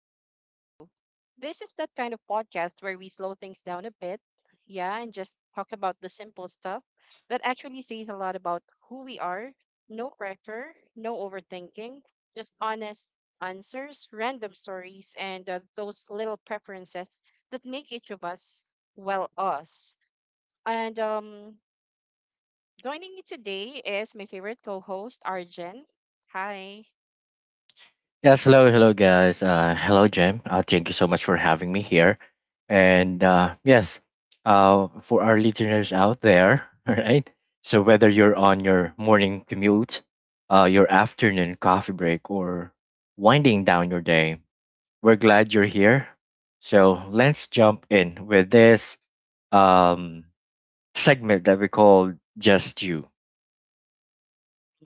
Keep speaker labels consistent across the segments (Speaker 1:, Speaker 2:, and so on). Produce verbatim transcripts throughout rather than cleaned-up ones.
Speaker 1: to Just You. This is that kind of podcast where we slow things down a bit, yeah, and just talk about the simple stuff that actually says a lot about who we are. No pressure, no overthinking, just honest answers, random stories, and uh, those little preferences that make each of us, well, us. And um, joining me today is my favorite co host, Arjen. Hi.
Speaker 2: Yes, hello, hello, guys. Uh, hello, Jem. Uh, thank you so much for having me here. And uh, yes, uh, for our listeners out there, all right. So whether you're on your morning commute, uh, your afternoon coffee break, or winding down your day, we're glad you're here. So let's jump in with this um, segment that we call "Just You."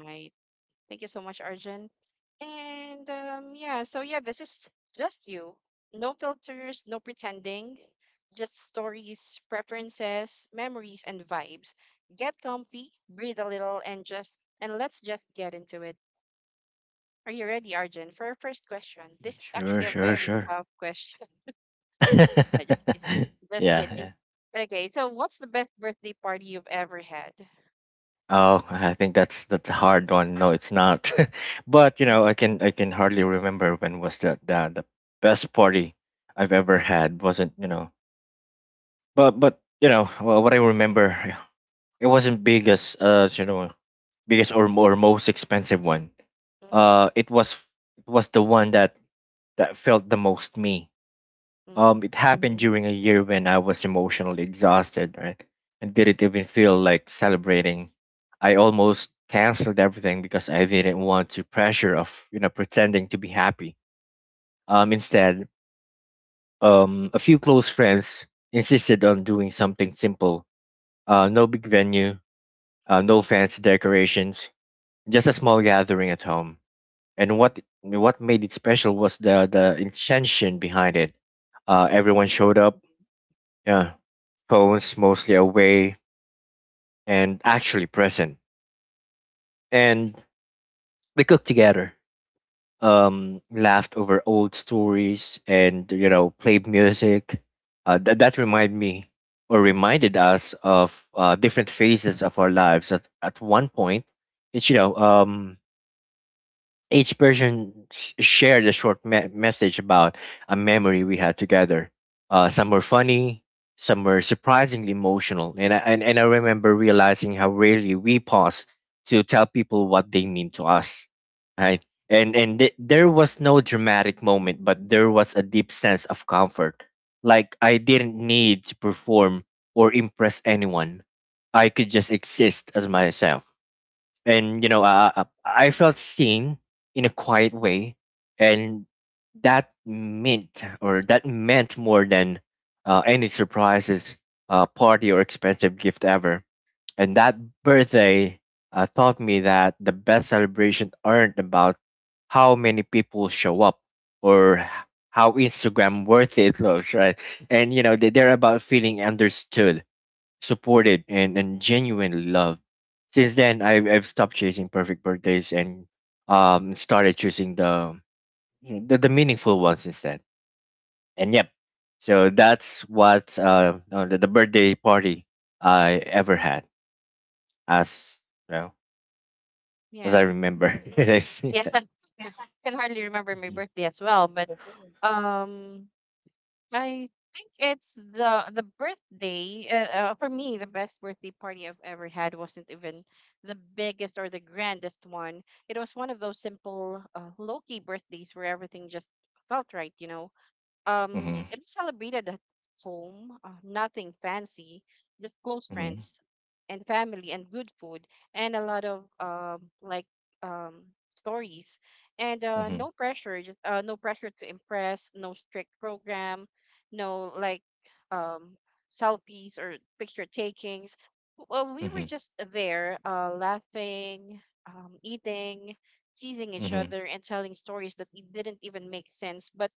Speaker 1: Hi. Thank you so much, Arjun. And um, yeah, so yeah, this is just you. No filters, no pretending, just stories, preferences, memories, and vibes. Get comfy, breathe a little, and just and let's just get into it. Are you ready, Arjun, for our first question? This is
Speaker 2: Sure,
Speaker 1: actually a
Speaker 2: sure,
Speaker 1: very
Speaker 2: sure.
Speaker 1: tough question. No, just kidding. Just kidding.
Speaker 2: yeah,
Speaker 1: Okay, so what's the best birthday party you've ever had?
Speaker 2: oh, I think that's that's a hard one. No, it's not. But you know,
Speaker 1: Mm-hmm.
Speaker 2: I can I can hardly remember when was the the, the best party I've ever had. Wasn't you know? But but you know wha- what I remember, it wasn't biggest uh you know biggest or or most expensive one.
Speaker 1: Mm-hmm.
Speaker 2: Uh, it was it was the one that that felt the most me.
Speaker 1: Mm-hmm.
Speaker 2: Um, it happened hmm during a year when I was emotionally exhausted, right? And didn't even feel like celebrating. I almost canceled everything because I didn't want to pressure of, you know, pretending to be happy. Um, instead, um, a few close friends insisted on doing something simple. Uh, no big venue, uh, no fancy decorations, just a small gathering at home. And what what made it special was the the intention behind it. Uh, everyone showed up. Yeah. Phones mostly away and actually present. And we cooked together, um, laughed over old stories, and you know, played music. Uh, that that reminded me or reminded us of uh, different phases of our lives. At at one point, it's you know, um, each person sh- shared a short me- message about a memory we had together. Uh, some were funny, some were surprisingly emotional, and I, and, and I remember realizing how rarely we pause to tell people what they mean to us, right? And and th- there was no dramatic moment, but there was a deep sense of comfort. Like I didn't need to perform or impress anyone. I could just exist as myself and you know uh, uh, I felt seen in a quiet way and that meant or that meant more than uh, any surprises uh, party or expensive gift ever and that birthday uh, taught me that the best celebrations aren't about how many people show up or h- how Instagram worthy it looks, right? And you know they- they're about feeling understood, supported, and, and genuinely loved. Since then, I've I've stopped chasing perfect birthdays and um started choosing the the, the meaningful ones instead. And yep, so that's what uh, uh the, the birthday party I ever had, as you know, as I
Speaker 1: Yeah.
Speaker 2: remember.
Speaker 1: Yeah. can hardly remember my
Speaker 2: Mm-hmm.
Speaker 1: birthday as well, but um, I think it's the the birthday. Uh, uh, for me, the best birthday party I've ever had wasn't even the biggest or the grandest one. It was one of those simple, uh, low key birthdays where everything just felt right, you know. Um, it was celebrated at home, uh, nothing fancy, just close
Speaker 2: hmm
Speaker 1: friends and family and good food and a lot of um like um stories and uh
Speaker 2: hmm
Speaker 1: no pressure, just, uh no pressure to impress, no strict program, no like um selfies or picture takings. Well, we were
Speaker 2: hmm
Speaker 1: just there, uh, laughing, um, eating, teasing each
Speaker 2: hmm
Speaker 1: other, and telling stories that it didn't even make sense, but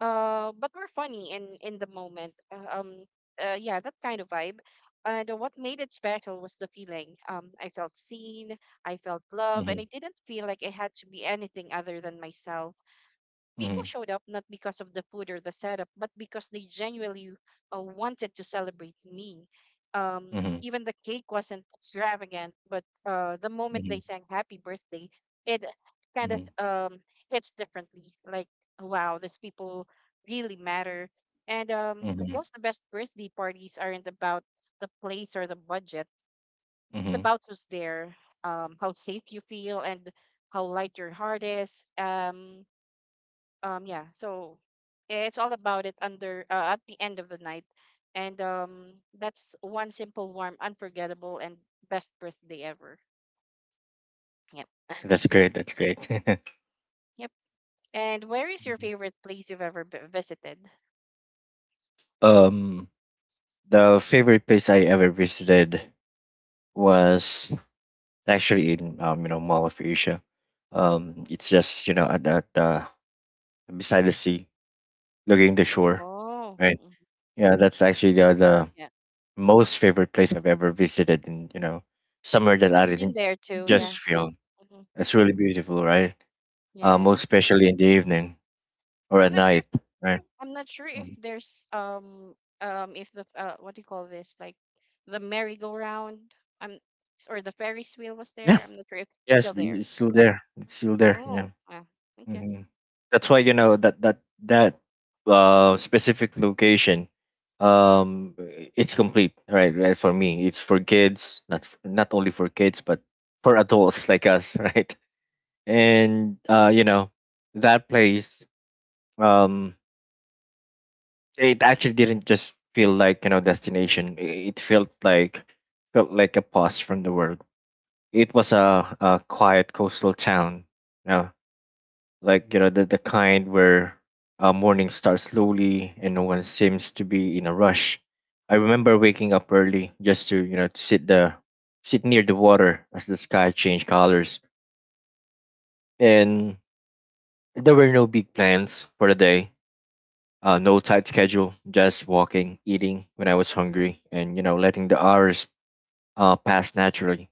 Speaker 1: uh, but we're funny in in the moment. Uh, um, uh, yeah, that kind of vibe. And what made it special was the feeling. Um, I felt seen, I felt love, and I
Speaker 2: hmm
Speaker 1: didn't feel like I had to be anything other than myself. People
Speaker 2: hmm
Speaker 1: showed up not because of the food or the setup, but because they genuinely uh, wanted to celebrate me. Um,
Speaker 2: hmm
Speaker 1: even the cake wasn't extravagant, but uh, the moment
Speaker 2: hmm
Speaker 1: they sang "Happy Birthday," it kind of
Speaker 2: hmm
Speaker 1: um, hits differently. Like, wow, these people really matter. And um, I
Speaker 2: hmm
Speaker 1: guess the best birthday parties aren't about the place or the budget. It's
Speaker 2: hmm
Speaker 1: about who's there, um, how safe you feel, and how light your heart is. Um, um yeah so it's all about it, under uh, at the end of the night, and um that's one simple, warm, unforgettable, and best birthday ever. Yep.
Speaker 2: That's great. That's great.
Speaker 1: Yep. And where is your favorite place you've ever b- visited?
Speaker 2: Um. The favorite place I ever visited was actually in um, you know Mall of Asia. Um, it's just you know at, at uh, beside the sea, looking the shore,
Speaker 1: Oh,
Speaker 2: right?
Speaker 1: mhm,
Speaker 2: Yeah, that's actually the, the
Speaker 1: yeah,
Speaker 2: most favorite place I've ever visited, and you know somewhere that I
Speaker 1: I've been
Speaker 2: didn't
Speaker 1: there too, yeah.
Speaker 2: just feel.
Speaker 1: Hmm.
Speaker 2: It's really beautiful, right? Uh,
Speaker 1: Yes.
Speaker 2: most especially in the evening or
Speaker 1: i'm
Speaker 2: at
Speaker 1: not sure
Speaker 2: night,
Speaker 1: if
Speaker 2: right?
Speaker 1: i'm not sure if
Speaker 2: Mhm.
Speaker 1: there's um um if the uh, what do you call this, like the merry-go-round, um or the ferris wheel, was
Speaker 2: Yeah,
Speaker 1: there. I'm not sure if it's
Speaker 2: yes,
Speaker 1: still
Speaker 2: it-
Speaker 1: there.
Speaker 2: it's still there. It's still there.
Speaker 1: Oh,
Speaker 2: Yeah.
Speaker 1: wow. Okay.
Speaker 2: hmm That's why you know that that that uh, specific location, um, it's complete, right? Like for me, it's for kids, not f- not only for kids, but for adults like us, right? And uh, you know, that place, um, it actually didn't just feel like you know destination. i- It felt like felt like a pause from the world. It was a, a quiet coastal town, you know, like you know the, the kind where uh, morning starts slowly and no one seems to be in a rush. I remember waking up early just to you know to sit the sit near the water as the sky changed colors, and there were no big plans for the day, uh, no tight schedule, just walking, eating when I was hungry, and you know letting the hours uh, pass naturally.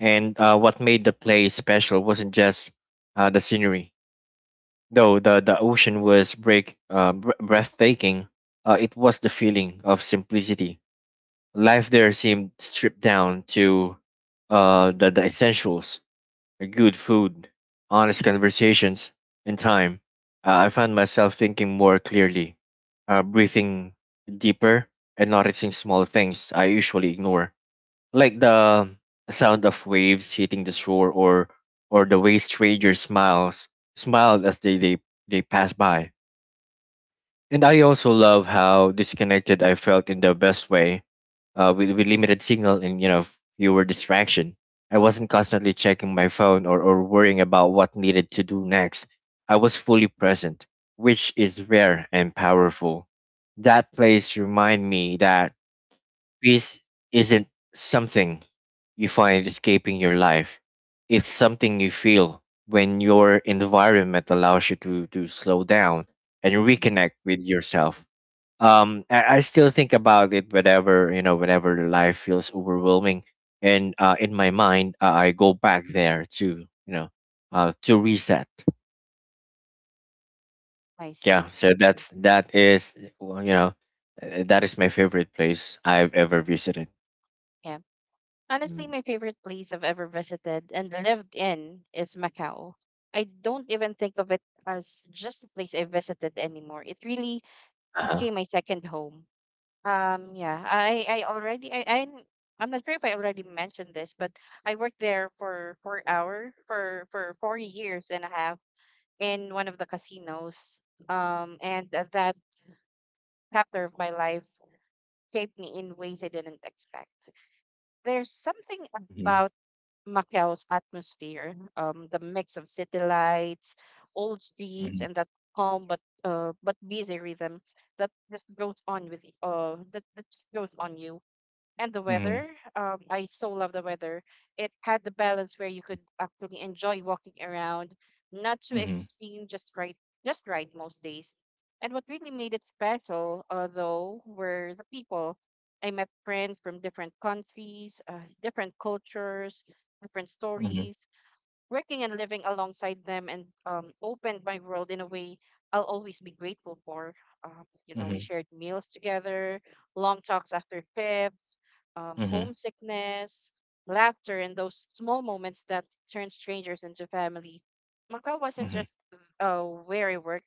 Speaker 2: And uh, what made the place special wasn't just uh, the scenery. Though the, the ocean was break, uh, br- breathtaking, uh, it was the feeling of simplicity. Life there seemed stripped down to uh, the, the essentials: good food, honest conversations, and time. Uh, I found myself thinking more clearly, uh, breathing deeper, and noticing small things I usually ignore, like the sound of waves hitting the shore or or the way strangers smiles smiled as they, they they passed by. And I also love how disconnected I felt, in the best way. Uh, with, with limited signal and you know fewer distraction, I wasn't constantly checking my phone or, or worrying about what needed to do next. I was fully present, which is rare and powerful. That place remind me that peace isn't something you find escaping your life. It's something you feel when your environment allows you to, to slow down and
Speaker 1: Mm-hmm.
Speaker 2: reconnect with yourself. Um, I, I still think about it whenever you know, whenever life feels overwhelming, and uh, in my mind, uh, I go back there to you know, uh, to reset.
Speaker 1: I
Speaker 2: Yeah,
Speaker 1: see.
Speaker 2: so that's
Speaker 1: Mhm.
Speaker 2: that is well, you know, uh, that is my favorite place I've ever visited.
Speaker 1: Yeah. Honestly,
Speaker 2: Mm.
Speaker 1: my favorite place I've ever visited and lived in is Macau. I don't even think of it as just a place I visited anymore. It really
Speaker 2: Uh-huh.
Speaker 1: became my second home. Um, yeah, I, I already, I, I'm, I'm not sure if I already mentioned this, but I worked there for four hour for for four years and a half in one of the casinos. Um, and uh, that chapter of my life shaped me in ways I didn't expect. There's something
Speaker 2: Mm-hmm.
Speaker 1: about Macao's atmosphere, um, the mix of city lights, old streets,
Speaker 2: Mhm,
Speaker 1: and that calm but uh, but busy rhythm that just goes on with y- uh that, that just goes on you and the
Speaker 2: mhm,
Speaker 1: weather. Um, I so love the weather. It had the balance where you could actually enjoy walking around, not too
Speaker 2: mhm,
Speaker 1: extreme, just right, just right most days. And what really made it special, uh, though, were the people. I met friends from different countries, uh, different cultures, different
Speaker 2: mhm,
Speaker 1: stories, working and living alongside them and um, opened my world in a way I'll always be grateful for. Um, you know, we
Speaker 2: mhm,
Speaker 1: shared meals together, long talks after trips, um,
Speaker 2: mhm,
Speaker 1: homesickness, laughter, and those small moments that turn strangers into family. Macau wasn't
Speaker 2: mhm,
Speaker 1: just uh, where I worked.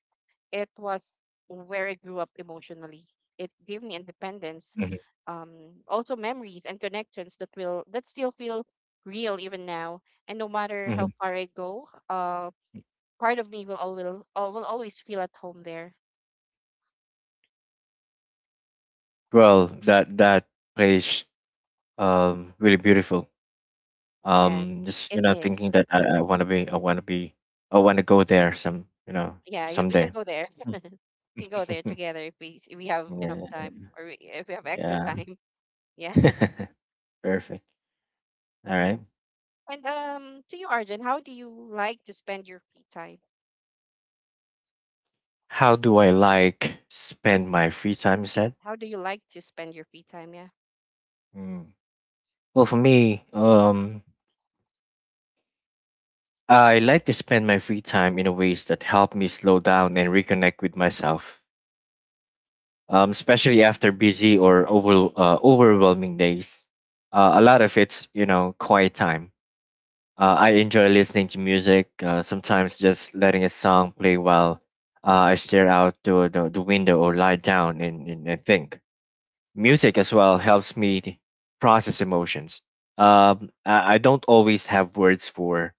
Speaker 1: It was where I grew up emotionally. It gave me independence,
Speaker 2: mhm,
Speaker 1: um, also memories and connections that will that still feel real even now. And no matter how
Speaker 2: mhm.
Speaker 1: far I go, uh, part of me will always will al- will always feel at home there.
Speaker 2: Well, that that place um really beautiful. Um,
Speaker 1: Yes,
Speaker 2: just you
Speaker 1: it
Speaker 2: know
Speaker 1: is.
Speaker 2: thinking that I, I want to be I want to be I want to go there some you know
Speaker 1: Yeah, you, we can
Speaker 2: someday.
Speaker 1: go there. We can go there together if we s- if we have enough
Speaker 2: Yeah,
Speaker 1: time, or we- if we have extra
Speaker 2: yeah.
Speaker 1: time. Yeah,
Speaker 2: Perfect. All
Speaker 1: yeah.
Speaker 2: right.
Speaker 1: And um, to you, Arjun, how do you like to spend your free time?
Speaker 2: How do I like spend my free time? You said.
Speaker 1: How do you like to spend your free time? Yeah.
Speaker 2: Mm. Well, for me, um, I like to spend my free time in ways that help me slow down and reconnect with myself, um, especially after busy or over, uh, overwhelming days. Uh, a lot of it's, you know, quiet time. Uh, I enjoy listening to music, uh, sometimes just letting a song play while uh, I stare out to the, the window or lie down and, and, and think. Music as well helps me process emotions. Um, I, I don't always have words for.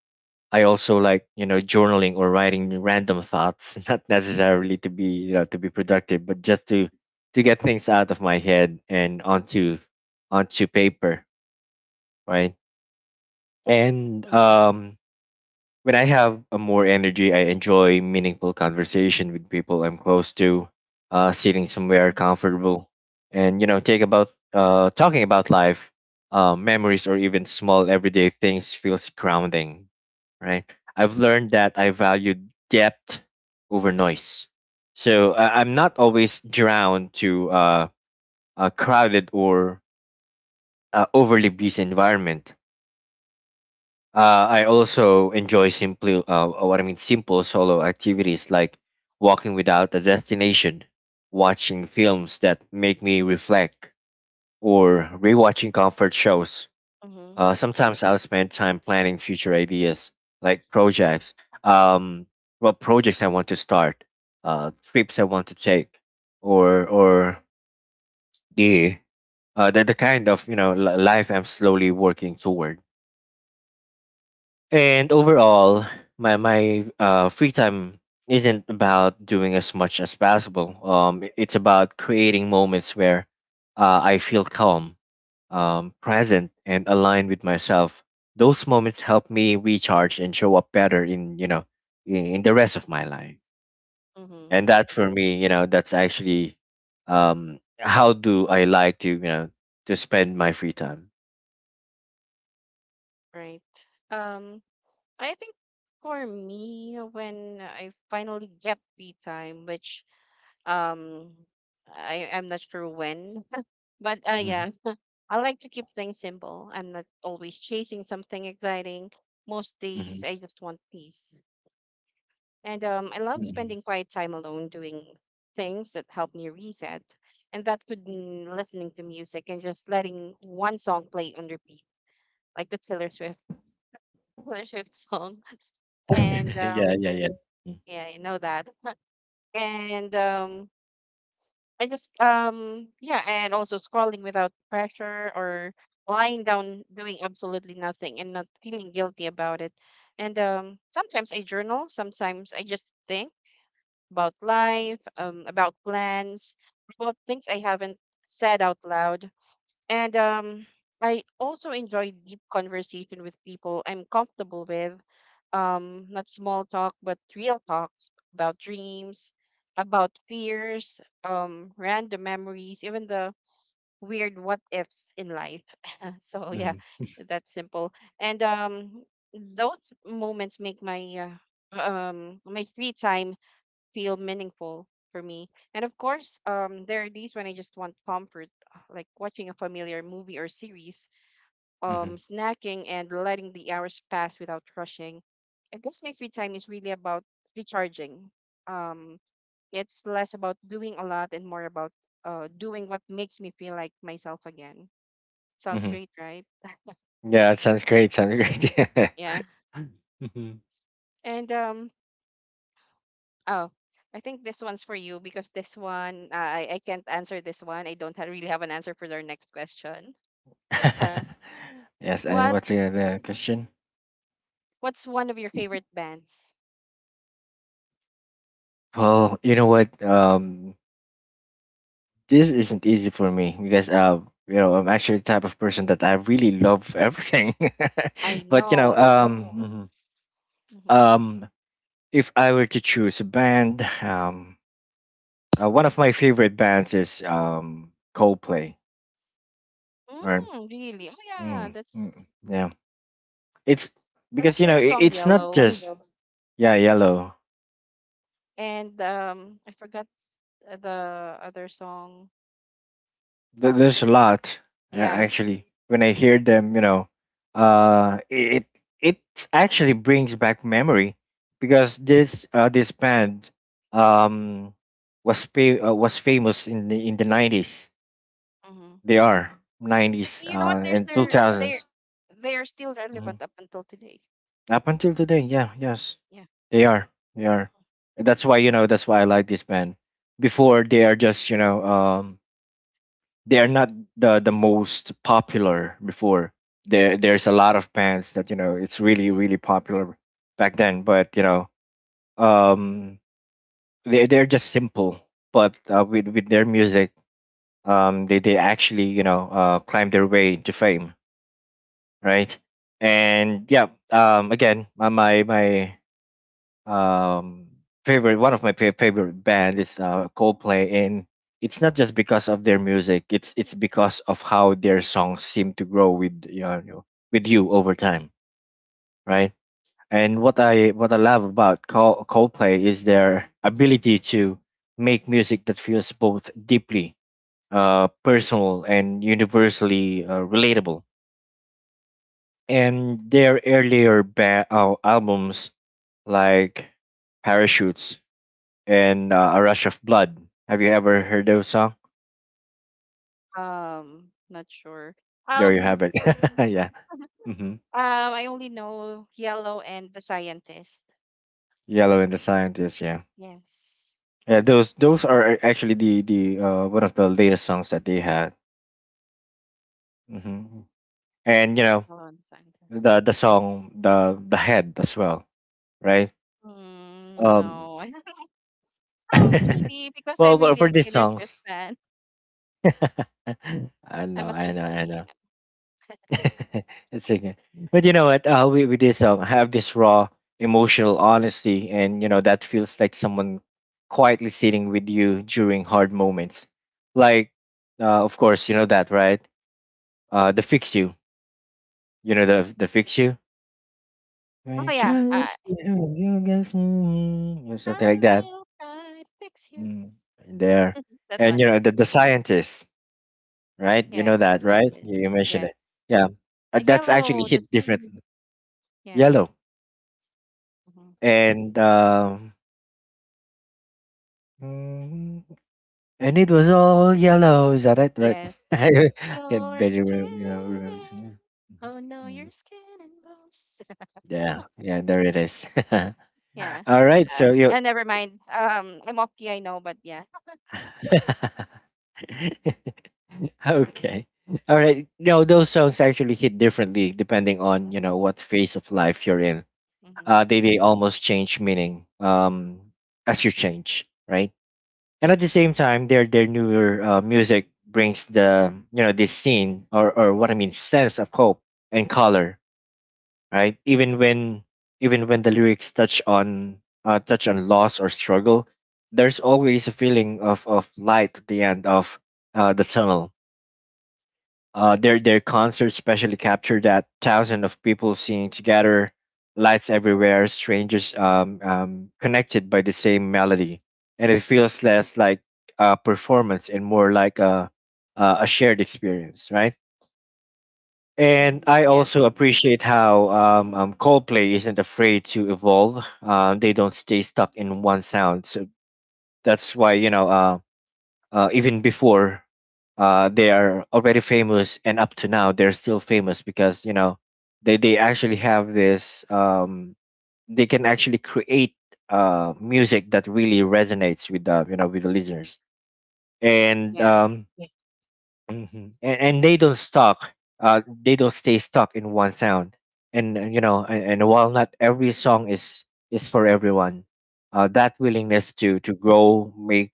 Speaker 2: I also like you know journaling or writing random thoughts, not necessarily to be you know to be productive, but just to to get things out of my head and onto onto paper, right? And
Speaker 1: Mhm.
Speaker 2: um, when I have a more energy, I enjoy meaningful conversation with people I'm close to, uh, sitting somewhere
Speaker 1: Mhm.
Speaker 2: comfortable, and you know, take about uh, talking about life, uh, memories, or even small everyday things feels grounding, right? I've learned that I value depth over noise, so uh, I'm not always drowned to uh, a crowded or uh, overly busy environment. uh, I also enjoy simple, uh, what I mean, simple solo activities like walking without a destination, watching films that make me reflect, or rewatching comfort shows.
Speaker 1: Mhm.
Speaker 2: Uh, sometimes I'll spend time planning future ideas, like projects, um, what projects I want to start, uh, trips I want to take, or or the uh, the, the kind of you know li- life I'm slowly working toward. And overall, my my uh, free time isn't about doing as much as possible. Um, i- it's about creating moments where uh, I feel calm, um, present, and aligned with myself. Those moments help me recharge and show up better in you know in, in the rest of my life.
Speaker 1: Mhm.
Speaker 2: And that for me, you know, that's actually um, how do I like to you know to spend my free time.
Speaker 1: Right. Um, I think for me, when I finally get free time, which um, I I'm not sure when, but uh,
Speaker 2: hmm
Speaker 1: yeah, I like to keep things simple. I'm not always chasing something exciting. Most days,
Speaker 2: hmm
Speaker 1: I just want peace. And um, I love spending quiet time alone doing things that help me reset. And that could mean listening to music and just letting one song play on repeat, like the Taylor Swift, Taylor Swift song. And um,
Speaker 2: yeah, yeah, yeah.
Speaker 1: yeah, you know that. And um, I just, um, yeah, and also scrolling without pressure or lying down doing absolutely nothing and not feeling guilty about it. And um, sometimes I journal, sometimes I just think about life, um, about plans, about things I haven't said out loud. And um, I also enjoy deep conversation with people I'm comfortable with, um, not small talk, but real talks about dreams, about fears, um, random memories, even the weird what ifs in life. So yeah,
Speaker 2: hmm
Speaker 1: that's simple. And um, those moments make my uh, um my free time feel meaningful for me. And of course, um, there are days when I just want comfort, uh, like watching a familiar movie or series, um,
Speaker 2: hmm
Speaker 1: snacking and letting the hours pass without rushing. I guess my free time is really about recharging. Um, it's less about doing a lot and more about uh, doing what makes me feel like myself again. Sounds
Speaker 2: hmm
Speaker 1: great, right?
Speaker 2: Yeah, it sounds great. Sounds great.
Speaker 1: Yeah.
Speaker 2: hmm
Speaker 1: And um, Oh, I think this one's for you because this one, uh, I I can't answer this one. I don't ha- really have an answer for their next question. Uh, Mm.
Speaker 2: yes, and
Speaker 1: what
Speaker 2: what's the other question?
Speaker 1: what's one of your favorite bands?
Speaker 2: Well, you know what? Um, this isn't easy for me because uh, you know, I'm actually the type of person that I really love everything.
Speaker 1: I
Speaker 2: But you know,
Speaker 1: know.
Speaker 2: um, mhm,
Speaker 1: Hmm.
Speaker 2: um, if I were to choose a band, um, uh, one of my favorite bands is um Coldplay. Or
Speaker 1: Mm, really? Oh yeah,
Speaker 2: mm,
Speaker 1: that's
Speaker 2: mm, yeah, it's
Speaker 1: I like
Speaker 2: because
Speaker 1: their
Speaker 2: you know it,
Speaker 1: song
Speaker 2: it's not
Speaker 1: Yellow
Speaker 2: just yeah yellow.
Speaker 1: and um I forgot uh, the other song.
Speaker 2: Th- there's a lot uh,
Speaker 1: Yeah.
Speaker 2: actually when I hear them you know uh it it actually brings back memory because this uh this band um was fa- uh, was famous in the in the nineties.
Speaker 1: Mm-hmm.
Speaker 2: They are nineties
Speaker 1: You know what?
Speaker 2: uh
Speaker 1: There's
Speaker 2: and
Speaker 1: their they
Speaker 2: two thousands.
Speaker 1: they are still
Speaker 2: Mhm.
Speaker 1: relevant up until today.
Speaker 2: Up until today, yeah, yes,
Speaker 1: Yeah.
Speaker 2: they are they are that's why you know that's why I like this band. Before they are just you know um they are not the the most popular before. There there's a lot of bands that you know it's really really popular back then, but you know um they they're just simple, but uh, with with their music um they they actually you know uh climb their way to fame, right? And yeah, um again, my my my um favorite, one of my fa- favorite band is uh Coldplay. And it's not just because of their music, it's it's because of how their songs seem to grow with, you know with you over time, right? And what I what I love about Col- Coldplay is their ability to make music that feels both deeply, uh personal and universally, uh, relatable. And their earlier ba- uh, albums, like Parachutes and, uh, A Rush of Blood. Have you ever heard those song?
Speaker 1: Um, not sure.
Speaker 2: No, you
Speaker 1: Um,
Speaker 2: haven't. Yeah. Hmm.
Speaker 1: Um, I only know Yellow and the Scientist.
Speaker 2: Yellow and the Scientist. Yeah.
Speaker 1: Yes,
Speaker 2: Yeah. Those those are actually the the uh, one of the latest songs that they had. Hmm. And you know
Speaker 1: Yellow and the Scientist.
Speaker 2: the the song, the the head as well, right?
Speaker 1: Mm,
Speaker 2: Um.
Speaker 1: no, I don't know. It's really because I'm
Speaker 2: Well, for
Speaker 1: really a
Speaker 2: for these
Speaker 1: Taylor Swift
Speaker 2: songs,
Speaker 1: fan.
Speaker 2: I
Speaker 1: I'm
Speaker 2: know,
Speaker 1: a
Speaker 2: I know, I
Speaker 1: Swiftie, you
Speaker 2: know.
Speaker 1: know.
Speaker 2: It's okay. But you know what? Uh, with, with this song, have this raw emotional honesty, and you know that feels like someone quietly sitting with you during hard moments. Like, uh, of course, you know that, right? Uh, the fix you. You know the the fix you.
Speaker 1: Oh
Speaker 2: I
Speaker 1: yeah, uh,
Speaker 2: trust you, you guess, mm, or something like
Speaker 1: I
Speaker 2: that.
Speaker 1: will try to fix you.
Speaker 2: Mm, right there.
Speaker 1: That
Speaker 2: And
Speaker 1: one.
Speaker 2: you know the the Scientist, right? You
Speaker 1: Yeah,
Speaker 2: know
Speaker 1: the
Speaker 2: that, right? You,
Speaker 1: Scientist.
Speaker 2: you mentioned
Speaker 1: Yes,
Speaker 2: it. Yeah. Uh,
Speaker 1: and
Speaker 2: that's actually
Speaker 1: Yellow.
Speaker 2: hit
Speaker 1: That's
Speaker 2: different.
Speaker 1: yeah.
Speaker 2: Yellow.
Speaker 1: Hmm.
Speaker 2: and um, mm, and it was all yellow. Is that it? Right?
Speaker 1: Yes.
Speaker 2: I can
Speaker 1: Your
Speaker 2: barely
Speaker 1: skin.
Speaker 2: remember. You know, remember. Yeah. Mhm.
Speaker 1: Oh no,
Speaker 2: Mm.
Speaker 1: your skin and bones.
Speaker 2: Yeah, yeah, there it is.
Speaker 1: Yeah.
Speaker 2: All right, so
Speaker 1: Uh,
Speaker 2: you.
Speaker 1: uh, never mind. Um, I'm off key, I know, but yeah.
Speaker 2: Okay. All right. No, those songs actually hit differently depending on, you know what phase of life you're in.
Speaker 1: Mm-hmm.
Speaker 2: Uh, they they almost change meaning, um as you change, right? And at the same time, their their newer, uh, music brings the, you know, this scene, or or what I mean, sense of hope and color, right, even
Speaker 1: Mm-hmm.
Speaker 2: when even when the lyrics touch on, uh, touch on loss or struggle. There's always a feeling of of light at the end of, uh, the tunnel. uh, their their concerts especially capture that thousand of people singing together, lights everywhere, strangers, um, um, connected by the same melody, and it feels less like a performance and more like a a a shared experience, right? And
Speaker 1: Mm-hmm.
Speaker 2: I
Speaker 1: Yeah.
Speaker 2: also appreciate how, um, um, Coldplay isn't afraid to evolve. Um, they don't stay stuck in one sound. So that's why, you know, um uh, even before, uh, they are already famous, and up to now they're still famous because, you know, they they actually have this, um, they can actually create, uh, music that really resonates with the, you know, with the listeners. and
Speaker 1: Yes.
Speaker 2: um, hmm And, and they don't stuck. Uh, they don't stay stuck in one sound. And uh, you know, and, and while not every song is is for everyone, uh, that
Speaker 1: Mm.
Speaker 2: willingness to to grow make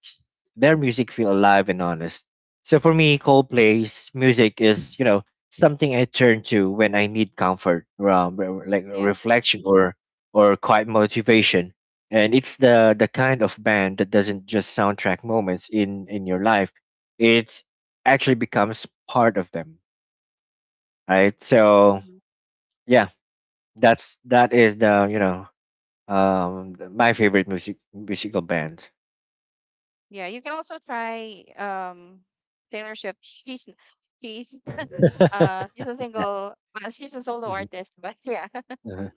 Speaker 2: their music feel alive and honest. So for me, Coldplay's music is, you know, something I turn to when I need comfort, um, re- re- like
Speaker 1: Yes.
Speaker 2: reflection, or or quiet motivation. And it's the the kind of band that doesn't just soundtrack moments in in your life. It actually becomes part of them, right? So
Speaker 1: Hmm.
Speaker 2: yeah, that's that is the, you know, um th- my favorite music musical band.
Speaker 1: Yeah. You can also try um Taylor Swift. She's she's uh she's a single. Well, she's a solo artist, but yeah,
Speaker 2: Uh-huh.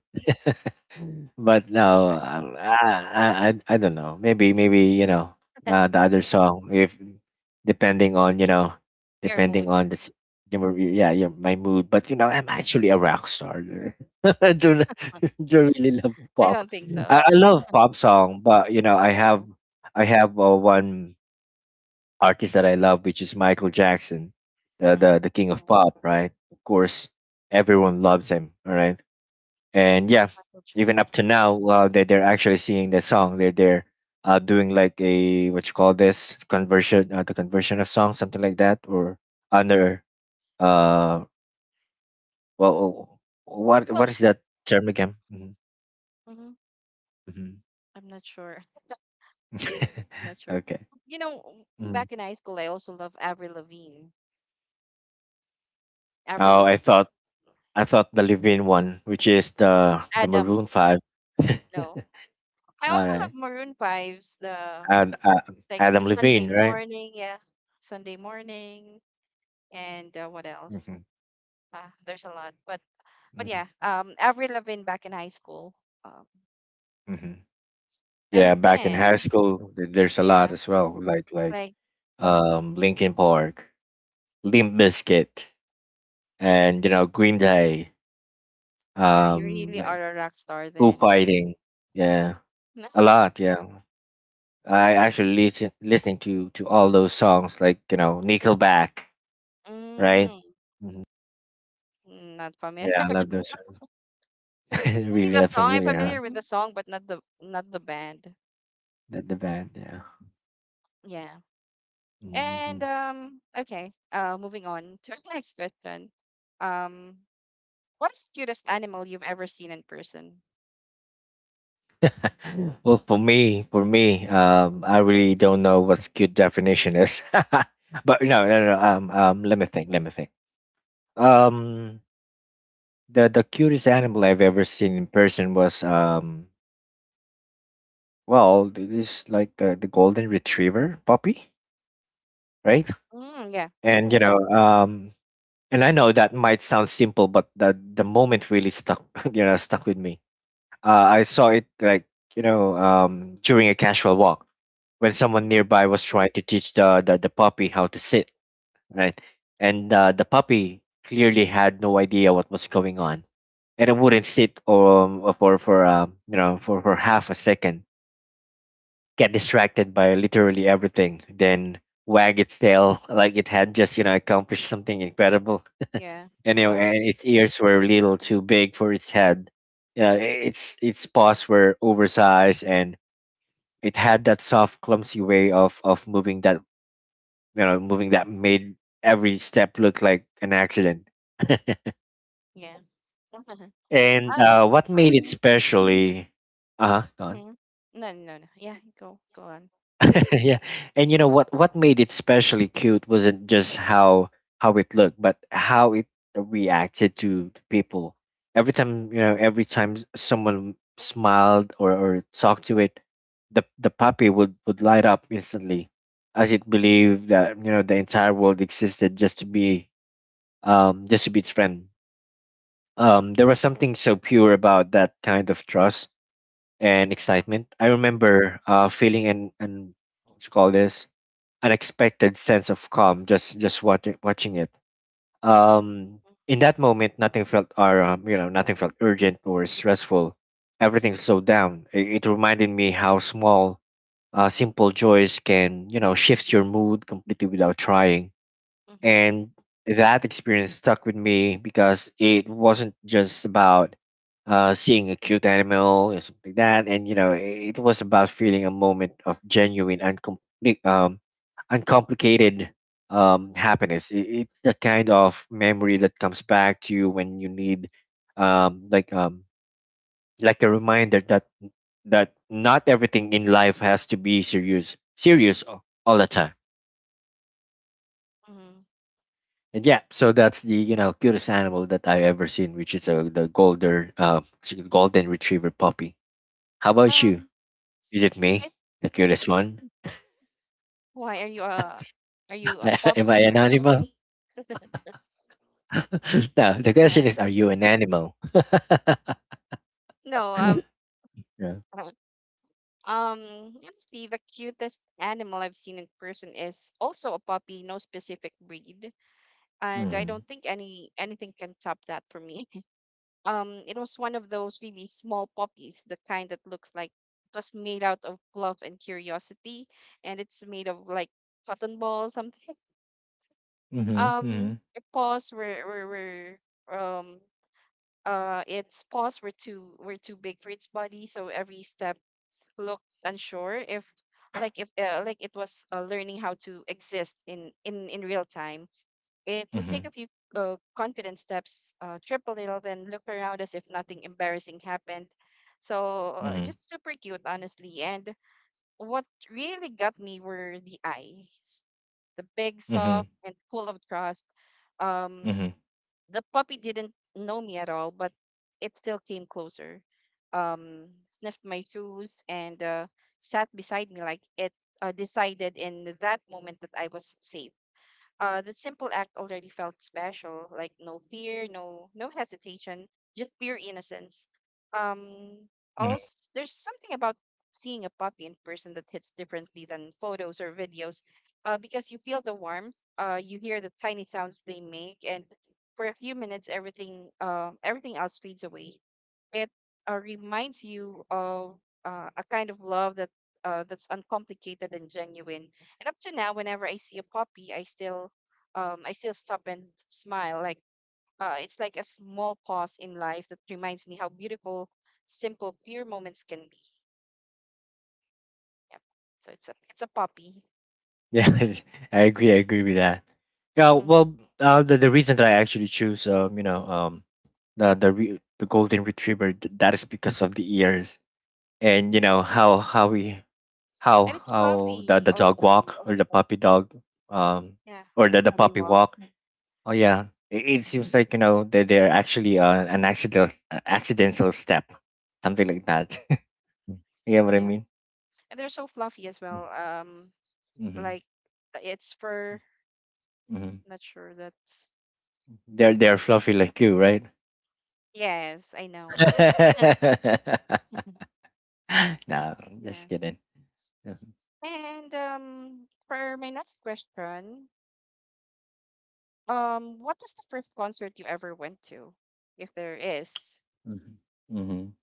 Speaker 2: But
Speaker 1: can
Speaker 2: no,
Speaker 1: try
Speaker 2: um, I, I I I don't know. Maybe maybe, you know, uh, the other song, if, depending on, you know,
Speaker 1: your
Speaker 2: depending
Speaker 1: mood.
Speaker 2: on the s- you know, yeah, yeah, my mood. But you know I'm actually a rock star. I don't, don't really love
Speaker 1: I
Speaker 2: pop.
Speaker 1: don't think
Speaker 2: I,
Speaker 1: so.
Speaker 2: I love pop song, but you know I have
Speaker 1: Yeah.
Speaker 2: I have, uh, one artist that I love, which is Michael Jackson, the
Speaker 1: Mm-hmm.
Speaker 2: the the king of pop, right? Of course, everyone loves him. All right. And yeah,
Speaker 1: Michael
Speaker 2: even
Speaker 1: Jackson.
Speaker 2: up to now, uh, they, they're actually singing the song, they're they're uh, doing like a, what you call this, conversion, uh, the conversion of song, something like that, or under, uh well oh, what what
Speaker 1: Well,
Speaker 2: is that term again? Mhm,
Speaker 1: hmm
Speaker 2: mhm.
Speaker 1: I'm not sure. I'm not sure.
Speaker 2: Okay.
Speaker 1: You know,
Speaker 2: Mhm.
Speaker 1: back in high school, I also love Avril Lavigne. Avril
Speaker 2: Oh, i
Speaker 1: Lavigne.
Speaker 2: thought i thought the Levine one, which is the the
Speaker 1: Adam.
Speaker 2: maroon five.
Speaker 1: No. I
Speaker 2: All
Speaker 1: also
Speaker 2: right.
Speaker 1: love Maroon five's the
Speaker 2: And uh,
Speaker 1: like
Speaker 2: Adam
Speaker 1: the Sunday
Speaker 2: Levine, right.
Speaker 1: morning, yeah. Sunday morning and uh, what else?
Speaker 2: Mm-hmm.
Speaker 1: Uh, there's a lot. But but
Speaker 2: Mm-hmm.
Speaker 1: yeah, um Avril Lavigne back in high school. Um
Speaker 2: Mm-hmm. Yeah,
Speaker 1: and
Speaker 2: back in high
Speaker 1: then
Speaker 2: school, th- there's a lot
Speaker 1: yeah,
Speaker 2: as well, like like
Speaker 1: like
Speaker 2: um, Linkin Park, Limp Bizkit, and you know Green Day,
Speaker 1: yeah, you
Speaker 2: um,
Speaker 1: really
Speaker 2: like
Speaker 1: are a rock star
Speaker 2: Foo
Speaker 1: then. I
Speaker 2: Fighting. Yeah, a lot. Yeah, I actually lis- listening to to all those songs, like you know Nickelback, right?
Speaker 1: mm,
Speaker 2: Hmm.
Speaker 1: not familiar.
Speaker 2: Yeah, I love those. songs.
Speaker 1: Maybe
Speaker 2: Really
Speaker 1: the
Speaker 2: not
Speaker 1: song. I'm
Speaker 2: familiar,
Speaker 1: familiar with
Speaker 2: huh?
Speaker 1: the song but not the not the band.
Speaker 2: The, the band. Yeah.
Speaker 1: Yeah.
Speaker 2: Hmm.
Speaker 1: And um okay, uh moving on to our next question. Um What is the cutest animal you've ever seen in person?
Speaker 2: Well, for me, for me, um, I really don't know what good definition is. But no, no, no.
Speaker 1: Yeah.
Speaker 2: Um, um, let me think. Let me think. Um, the the cutest animal I've ever seen in person was, um, well, it is like the the golden retriever puppy, right?
Speaker 1: Mm, yeah.
Speaker 2: And you know, um, and I know that might sound simple, but the the moment really stuck, you know, stuck with me. Uh, I saw it, like, you know, um, during a casual walk when someone
Speaker 1: Mm,
Speaker 2: nearby was trying to teach the the, the puppy how to sit, right? And uh, the puppy clearly had no idea what was going on, and it wouldn't sit, um, uh, for for, um, you know, for for half a second, get distracted by literally everything, then wag its tail like it had just, you know, accomplished something incredible.
Speaker 1: yeah.
Speaker 2: Anyway,
Speaker 1: Mm,
Speaker 2: and its ears were a little too big for its head. Yeah, i- its its paws were oversized, and it had that soft, clumsy way of of moving that, you know moving that made every step look like an accident.
Speaker 1: yeah.
Speaker 2: And uh,
Speaker 1: Um.
Speaker 2: what made it
Speaker 1: Mhm,
Speaker 2: specially? Uh huh.
Speaker 1: mhm. No, no, no. Yeah, go, go on.
Speaker 2: Yeah. And you know what, what made it especially cute wasn't just how how it looked, but how it reacted to to people. Every time, you know every time s- someone smiled, or, or talked to it, the the puppy would would light up instantly, as it believed that, you know, the entire world existed just to be, um just to be its friend. Um there was something so pure about that kind of trust and excitement. I remember uh feeling an an, what you call this, unexpected sense of calm, just just watching watching it. Um, in that moment, nothing felt or um, you know, nothing felt urgent or stressful. Everything slowed down. It, it reminded me how small, uh, simple joys can, you know, shift your mood completely without trying.
Speaker 1: Mm-hmm,
Speaker 2: And that experience stuck with me because it wasn't just about, uh, seeing a cute animal or something like that, and you know, it it was about feeling a moment of genuine, uncompli- um, uncomplicated, um, happiness. I- It's the kind of memory that comes back to you when you need, um, like um, like a reminder that that not everything in life has to be serious, serious a- all the time.
Speaker 1: mm-hmm.
Speaker 2: And yeah, so that's the, you know, cutest animal that I ever seen, which is a the golden, uh s- golden retriever puppy. How about you?
Speaker 1: Um.
Speaker 2: Is it
Speaker 1: I-
Speaker 2: me, the cutest one?
Speaker 1: Why are you a are you a
Speaker 2: Am I
Speaker 1: puppy
Speaker 2: an
Speaker 1: or
Speaker 2: animal?
Speaker 1: something?
Speaker 2: No, the
Speaker 1: Yeah.
Speaker 2: question is, are you an animal?
Speaker 1: No. Um.
Speaker 2: Yeah.
Speaker 1: uh, Um. Honestly, the cutest animal I've seen in person is also a puppy. No specific breed, and I don't
Speaker 2: Hmm.
Speaker 1: think any anything can top that for me. Um, it was one of those really small puppies, the kind that looks like it was made out of love and curiosity, and it's made of like cotton ball something.
Speaker 2: Mm-hmm.
Speaker 1: Um,
Speaker 2: Mm-hmm.
Speaker 1: the paws were were, were um uh its paws were too were too big for its body, so every step looked unsure if like if uh, like it was uh, learning how to exist in in in real time. It would take a few uh, confident steps, uh, trip a little, then look around as if nothing embarrassing happened. So
Speaker 2: Mm-hmm.
Speaker 1: uh,
Speaker 2: Mm-hmm.
Speaker 1: just super cute, honestly. And what really got me were the eyes, the big,
Speaker 2: Mm-hmm.
Speaker 1: soft, and full of trust. Um, the puppy didn't know me at all, but it still came closer. Um, sniffed my shoes and uh, sat beside me like it uh, decided in that moment that I was safe. Uh, that simple act already felt special, like no fear, no no hesitation, just pure innocence. Um,
Speaker 2: Hmm.
Speaker 1: Also, there's something about seeing a puppy in person that hits differently than photos or videos, uh, because you feel the warmth, uh, you hear the tiny sounds they make, and for a few minutes, everything uh, everything else fades away. It uh, reminds you of uh, a kind of love that uh, that's uncomplicated and genuine. And up to now, whenever I see a puppy, I still, um, I still stop and smile. Like, uh, it's like a small pause in life that reminds me how beautiful, simple, pure moments can be. Yep. So it's a it's a puppy,
Speaker 2: Yeah, I agree. I agree with that. Yeah,
Speaker 1: hmm,
Speaker 2: well, uh, the the reason that I actually choose, um, you know, um, the the re- the golden retriever, th- that is because of the ears. And you know how how we how
Speaker 1: and it's
Speaker 2: how the
Speaker 1: fluffy
Speaker 2: the dog
Speaker 1: also.
Speaker 2: walk, or the puppy dog, um
Speaker 1: Yeah,
Speaker 2: or the, the
Speaker 1: how they
Speaker 2: puppy
Speaker 1: walk.
Speaker 2: walk. Oh yeah, it, it
Speaker 1: Hmm.
Speaker 2: seems like, you know, that they're actually, uh, an accidental accidental step, something like that. You get what I
Speaker 1: Yeah,
Speaker 2: mean?
Speaker 1: and they're so fluffy as well. Um,
Speaker 2: Mm-hmm.
Speaker 1: like uh, it's fur.
Speaker 2: Mm-hmm.
Speaker 1: Not sure that's.
Speaker 2: they're they're fluffy like you, right?
Speaker 1: Yes, I know.
Speaker 2: No, just
Speaker 1: Yes.
Speaker 2: kidding. Mm-hmm.
Speaker 1: And um, for my next question, Um, what was the first concert you ever went to, if there is?
Speaker 2: Mm-hmm.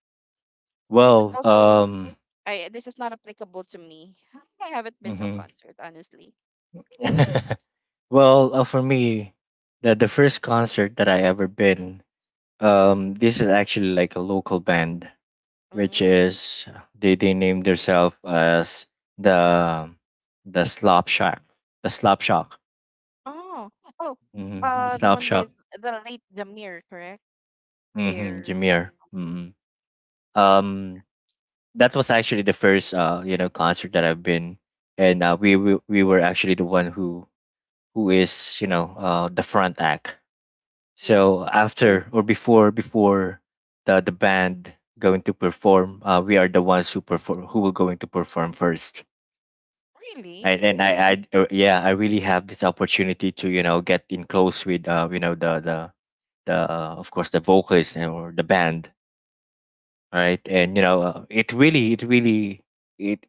Speaker 1: This is
Speaker 2: Well.
Speaker 1: also
Speaker 2: Um
Speaker 1: I this is not applicable to me. I haven't been to a
Speaker 2: mhm.
Speaker 1: concert, honestly.
Speaker 2: Well, uh, for me, the the first concert that I ever been, um, this is actually like a local band, which
Speaker 1: Mm.
Speaker 2: is, they they named themselves as the the Slop Shack, the Slop Shock.
Speaker 1: Oh, oh,
Speaker 2: Mm-hmm. The
Speaker 1: uh, the
Speaker 2: Slop
Speaker 1: one with
Speaker 2: Shock.
Speaker 1: the late Zamir, correct?
Speaker 2: Mm-hmm.
Speaker 1: There,
Speaker 2: Jameer. Mm-hmm. Um, that was actually the first, uh you know, concert that I've been. And uh, we, we we were actually the one who, who is, you know, uh the front act.
Speaker 1: yeah.
Speaker 2: So after or before, before the the band going to perform, uh, we are the ones who perform who will going to perform first.
Speaker 1: Really,
Speaker 2: And and I I uh, yeah, I really have this opportunity to you know get in close with uh you know the the the uh, of course, the vocalist and- or the band, right. And you know uh, it really it really it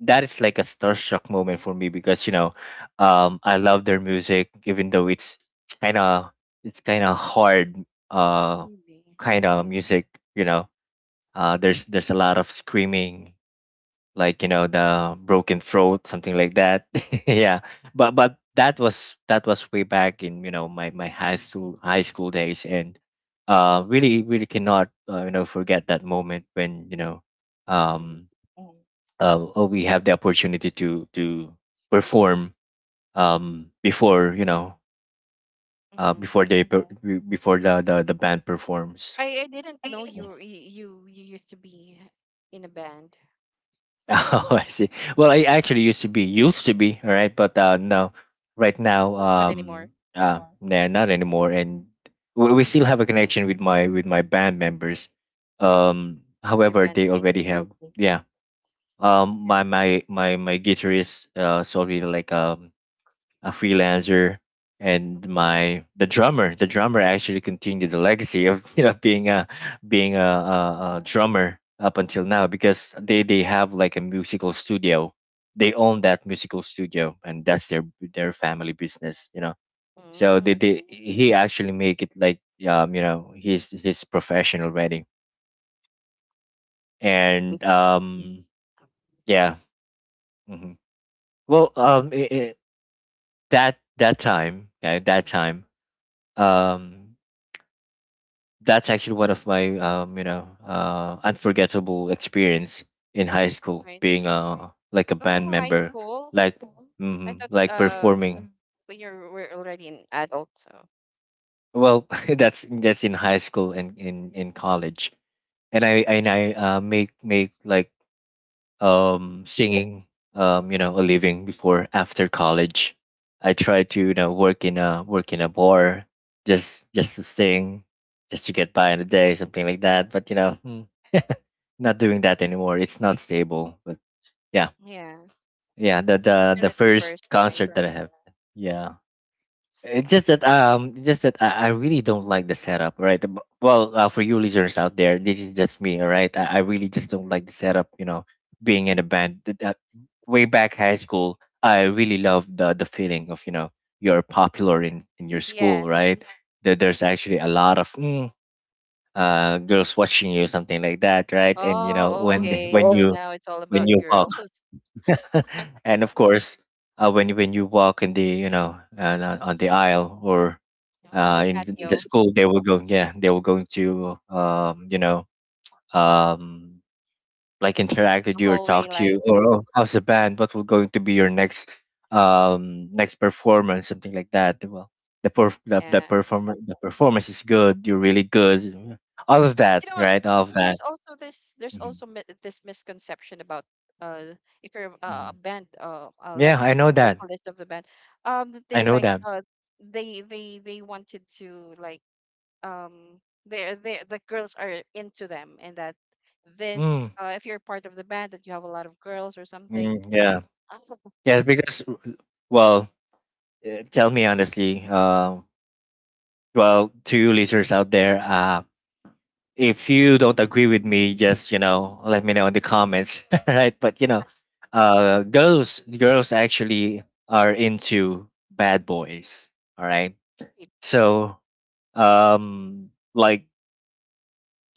Speaker 2: that is like a starstruck moment for me, because you know um I love their music, even though it's kind of it's kind of hard, uh
Speaker 1: really.
Speaker 2: kind of music. you know uh there's there's a lot of screaming, like, you know the broken throat, something like that. Yeah. But but that was that was way back in, you know my my high school high school days. And uh really really cannot, uh, you know forget that moment when, you know um
Speaker 1: Mm-hmm.
Speaker 2: uh, oh, we have the opportunity to to perform, um, before, you know uh,
Speaker 1: Mm-hmm.
Speaker 2: before they per- be- before the, the the band performs.
Speaker 1: I I didn't know you
Speaker 2: Yeah.
Speaker 1: were- you you you used to be in a band.
Speaker 2: Oh, I see. Well, I actually used to be used to be all right, but uh,
Speaker 1: Mm,
Speaker 2: no, right now,
Speaker 1: not anymore.
Speaker 2: um uh, nah, not anymore. And we, we still have a connection with my with my band members.
Speaker 1: Mm-hmm.
Speaker 2: Um,
Speaker 1: They're
Speaker 2: however, they
Speaker 1: bandmates
Speaker 2: already have, yeah. Um, my
Speaker 1: here.
Speaker 2: my my my guitarist, uh, is already, like, um a freelancer. And
Speaker 1: Mm-hmm.
Speaker 2: my the drummer. The drummer actually continued the legacy of you know being a being a,
Speaker 1: Mm-hmm.
Speaker 2: a, a drummer up until now, because they they have like a musical studio. They own that musical studio, and that's their their
Speaker 1: Yeah.
Speaker 2: family business. You know, so they,
Speaker 1: Mm.
Speaker 2: they he actually make it like, um you know his his profession already, and um yeah. hmm well, um, I I that that time, okay, that time. um, That's actually one of my, um, you know, uh, unforgettable experience in high school,
Speaker 1: Right.
Speaker 2: being, uh like, a band
Speaker 1: Oh, high
Speaker 2: member,
Speaker 1: school.
Speaker 2: like,
Speaker 1: I
Speaker 2: mm,
Speaker 1: thought
Speaker 2: like,
Speaker 1: um
Speaker 2: performing.
Speaker 1: when you are were already an adult, so
Speaker 2: Well, that's that's in high school and in in college, and I
Speaker 1: hmm
Speaker 2: and I uh, make make like, um singing, um you know a living before after college. I tried to, you know work in a work in a bar, just just to sing, just to get by in the day, something like that. But you know. Not doing that anymore. It's not stable. But yeah,
Speaker 1: yeah,
Speaker 2: yeah. The the the
Speaker 1: ability
Speaker 2: first
Speaker 1: first, right?
Speaker 2: concert that I have. Yeah. It's
Speaker 1: Stop
Speaker 2: just that um, it's just that I, I really don't like the setup, right? B- Well, uh, for you listeners out there, this is just me, all right. I, I really just don't like the setup, you know, being in a band. Th- that- way back high school, I really loved the the feeling of, you know you're popular
Speaker 1: being it.
Speaker 2: in in your school, right?
Speaker 1: Yes.
Speaker 2: There, there's actually a lot of, mm, uh girls watching you, something like that, right? And, you know
Speaker 1: Oh,
Speaker 2: when
Speaker 1: okay.
Speaker 2: when Oh,
Speaker 1: So
Speaker 2: you
Speaker 1: now it's all
Speaker 2: when
Speaker 1: about
Speaker 2: you walk.
Speaker 1: girls.
Speaker 2: And of course, uh, when when you walk in the, you know and on, on the aisle, or,
Speaker 1: You know, on the
Speaker 2: uh, in th- the
Speaker 1: patio,
Speaker 2: school, they will go, yeah, they will going to, um, you know um, like, interact with
Speaker 1: the
Speaker 2: you, or
Speaker 1: hallway,
Speaker 2: talk to
Speaker 1: like
Speaker 2: you, or, oh, how's the band, what will going to be your next, um, next performance, something like that. Well, the perf- the, the
Speaker 1: yeah.
Speaker 2: performance the performance is good, you're really good, all of that,
Speaker 1: You know what,
Speaker 2: right, all of that.
Speaker 1: there's also this there's
Speaker 2: Mhm,
Speaker 1: also mi- this misconception about uh if you're uh, a
Speaker 2: mhm.
Speaker 1: band uh, uh like
Speaker 2: Yeah, I know that.
Speaker 1: vocalist of the band, um that
Speaker 2: I
Speaker 1: they're
Speaker 2: know
Speaker 1: like
Speaker 2: that
Speaker 1: uh they they they wanted to like, um they're they the girls are into them, and that this,
Speaker 2: mm,
Speaker 1: uh if you're part of the band, that you have a lot of girls or something.
Speaker 2: mm, yeah.
Speaker 1: Oh,
Speaker 2: Yes, because, well, eh, tell me honestly. Uh, well, to you listeners out there, uh, if you don't agree with me, just, you know, let me know in the comments, right? But, you know,
Speaker 1: that's
Speaker 2: uh, girls, girls actually are into bad boys, all right?
Speaker 1: great.
Speaker 2: So, um, like,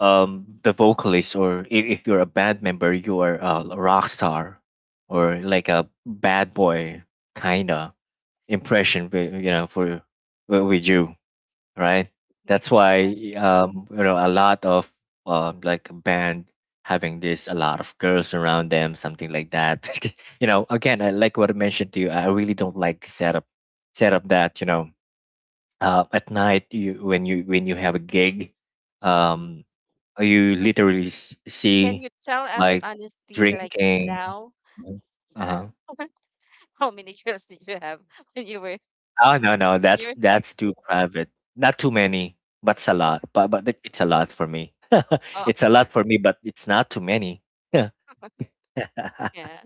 Speaker 2: um, the vocalist, or if, if you're a band member, you are a rock star, or like a bad boy, kinda impression with, you know for, wi- with you, right.
Speaker 1: Mhm.
Speaker 2: That's why,
Speaker 1: Yeah.
Speaker 2: um you know a lot of, uh, like, a band having this, a lot of girls around them, something like that. You know again, I like what I mentioned to you, I really don't like the setup. Setup that, you know uh, at night, you when you when you have a gig,
Speaker 1: Mhm.
Speaker 2: um you literally s-
Speaker 1: Can
Speaker 2: see,
Speaker 1: you tell us
Speaker 2: like,
Speaker 1: honestly, like,
Speaker 2: drinking.
Speaker 1: now
Speaker 2: Uh-huh.
Speaker 1: how many girls did you have when you were
Speaker 2: Oh, no, no, that's
Speaker 1: you were
Speaker 2: that's too private. Not too many, but it's a lot. But but it- it's a lot for me. It's a
Speaker 1: oh
Speaker 2: lot for me, but it's not too many.
Speaker 1: yeah.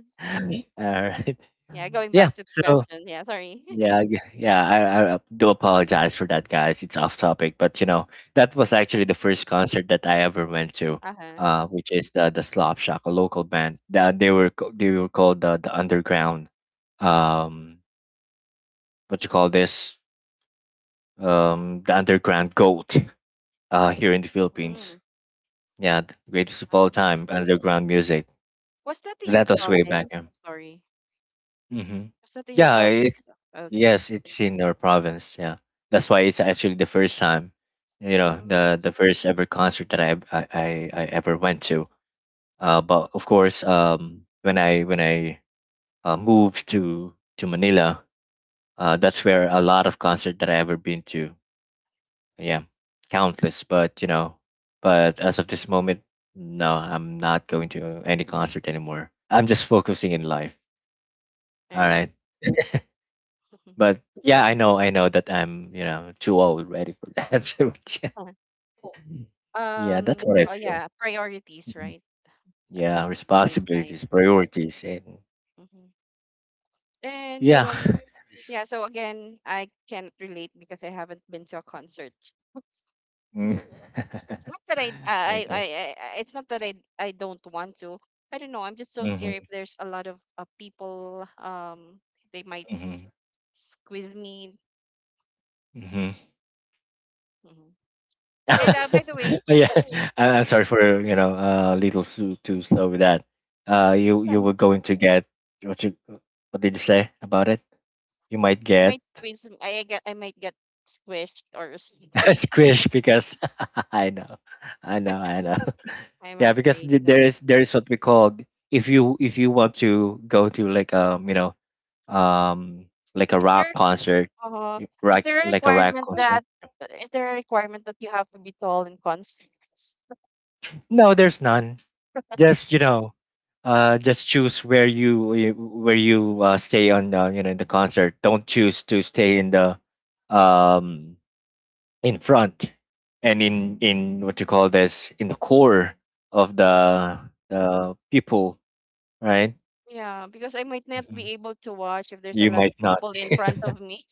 Speaker 2: All right.
Speaker 1: Yeah, going
Speaker 2: Yeah.
Speaker 1: back to the
Speaker 2: So,
Speaker 1: question. Yeah, sorry.
Speaker 2: yeah, yeah, yeah, I, I do apologize for that, guys. It's off topic, but, you know that was actually the first concert that I ever went to.
Speaker 1: Uh-huh.
Speaker 2: Uh, which is the the Slop Shock, a local band. The, they were co- they were called the the underground. Um, what you call this? Um, the underground goat, uh, here in the Philippines.
Speaker 1: Mm.
Speaker 2: Yeah, the greatest of
Speaker 1: uh,
Speaker 2: all time, underground music.
Speaker 1: Was that in your
Speaker 2: That was way back.
Speaker 1: province?
Speaker 2: Yeah.
Speaker 1: Sorry.
Speaker 2: hmm
Speaker 1: Was that in your
Speaker 2: yeah it,
Speaker 1: province? Okay.
Speaker 2: yes, it's in our province. Yeah, that's why it's actually the first time, you know,
Speaker 1: Mm.
Speaker 2: the the first ever concert that I I, I I ever went to. Uh, but of course, um, when I when I, uh, moved to to Manila. Uh, that's where a lot of concert that I ever been to. Yeah, countless. But you know but as of this moment, no, I'm not going to any concert anymore. I'm just focusing in life, all
Speaker 1: Right.
Speaker 2: right. But yeah, i know I know that I'm, you know too old ready for that. But yeah, yeah, that's
Speaker 1: Um.
Speaker 2: what I
Speaker 1: Oh
Speaker 2: feel.
Speaker 1: yeah, priorities,
Speaker 2: Mhm.
Speaker 1: right? At
Speaker 2: Yeah,
Speaker 1: this age and time.
Speaker 2: responsibilities, priorities, and
Speaker 1: Hmm. And
Speaker 2: yeah.
Speaker 1: um, yeah. So again, I can't relate because I haven't been to a concert.
Speaker 2: Mm.
Speaker 1: It's not that I, I, I,
Speaker 2: Okay.
Speaker 1: I, I- it's not that I, I don't want to. I don't know. I'm just so scared if
Speaker 2: hmm
Speaker 1: there's a lot of uh, people. Um, they might s- squeeze me.
Speaker 2: hmm
Speaker 1: Mhm. And uh, by the way,
Speaker 2: yeah, I- I'm sorry for, you know uh, a little too too slow with that. Uh, you you were going to get what you — what did you say about it? You might
Speaker 1: they
Speaker 2: get
Speaker 1: might squeeze. Me- I, I get. I might get squished or something.
Speaker 2: squish, because I know, I know, I know.
Speaker 1: I'm
Speaker 2: Yeah, because,
Speaker 1: afraid.
Speaker 2: th-
Speaker 1: You
Speaker 2: there
Speaker 1: know.
Speaker 2: is there is what we call, if you if you want to go to, like, um you know um like, a
Speaker 1: Is
Speaker 2: rock
Speaker 1: there?
Speaker 2: concert.
Speaker 1: Uh,
Speaker 2: You-
Speaker 1: is
Speaker 2: rock
Speaker 1: there a
Speaker 2: Like, a rock
Speaker 1: requirement
Speaker 2: concert.
Speaker 1: that? uh, Is there a requirement that you have to be tall in concert?
Speaker 2: No, there's none. Just, you know uh just choose where you you- where you, uh, stay on, uh, you know in the concert. Don't choose to stay in the, um in front, and in in what you call this, in the core of
Speaker 1: Mhm.
Speaker 2: the the people, right.
Speaker 1: Yeah, because I might not
Speaker 2: Mhm.
Speaker 1: be able to watch if there's a
Speaker 2: You
Speaker 1: lot
Speaker 2: might
Speaker 1: of
Speaker 2: not.
Speaker 1: people in front of me.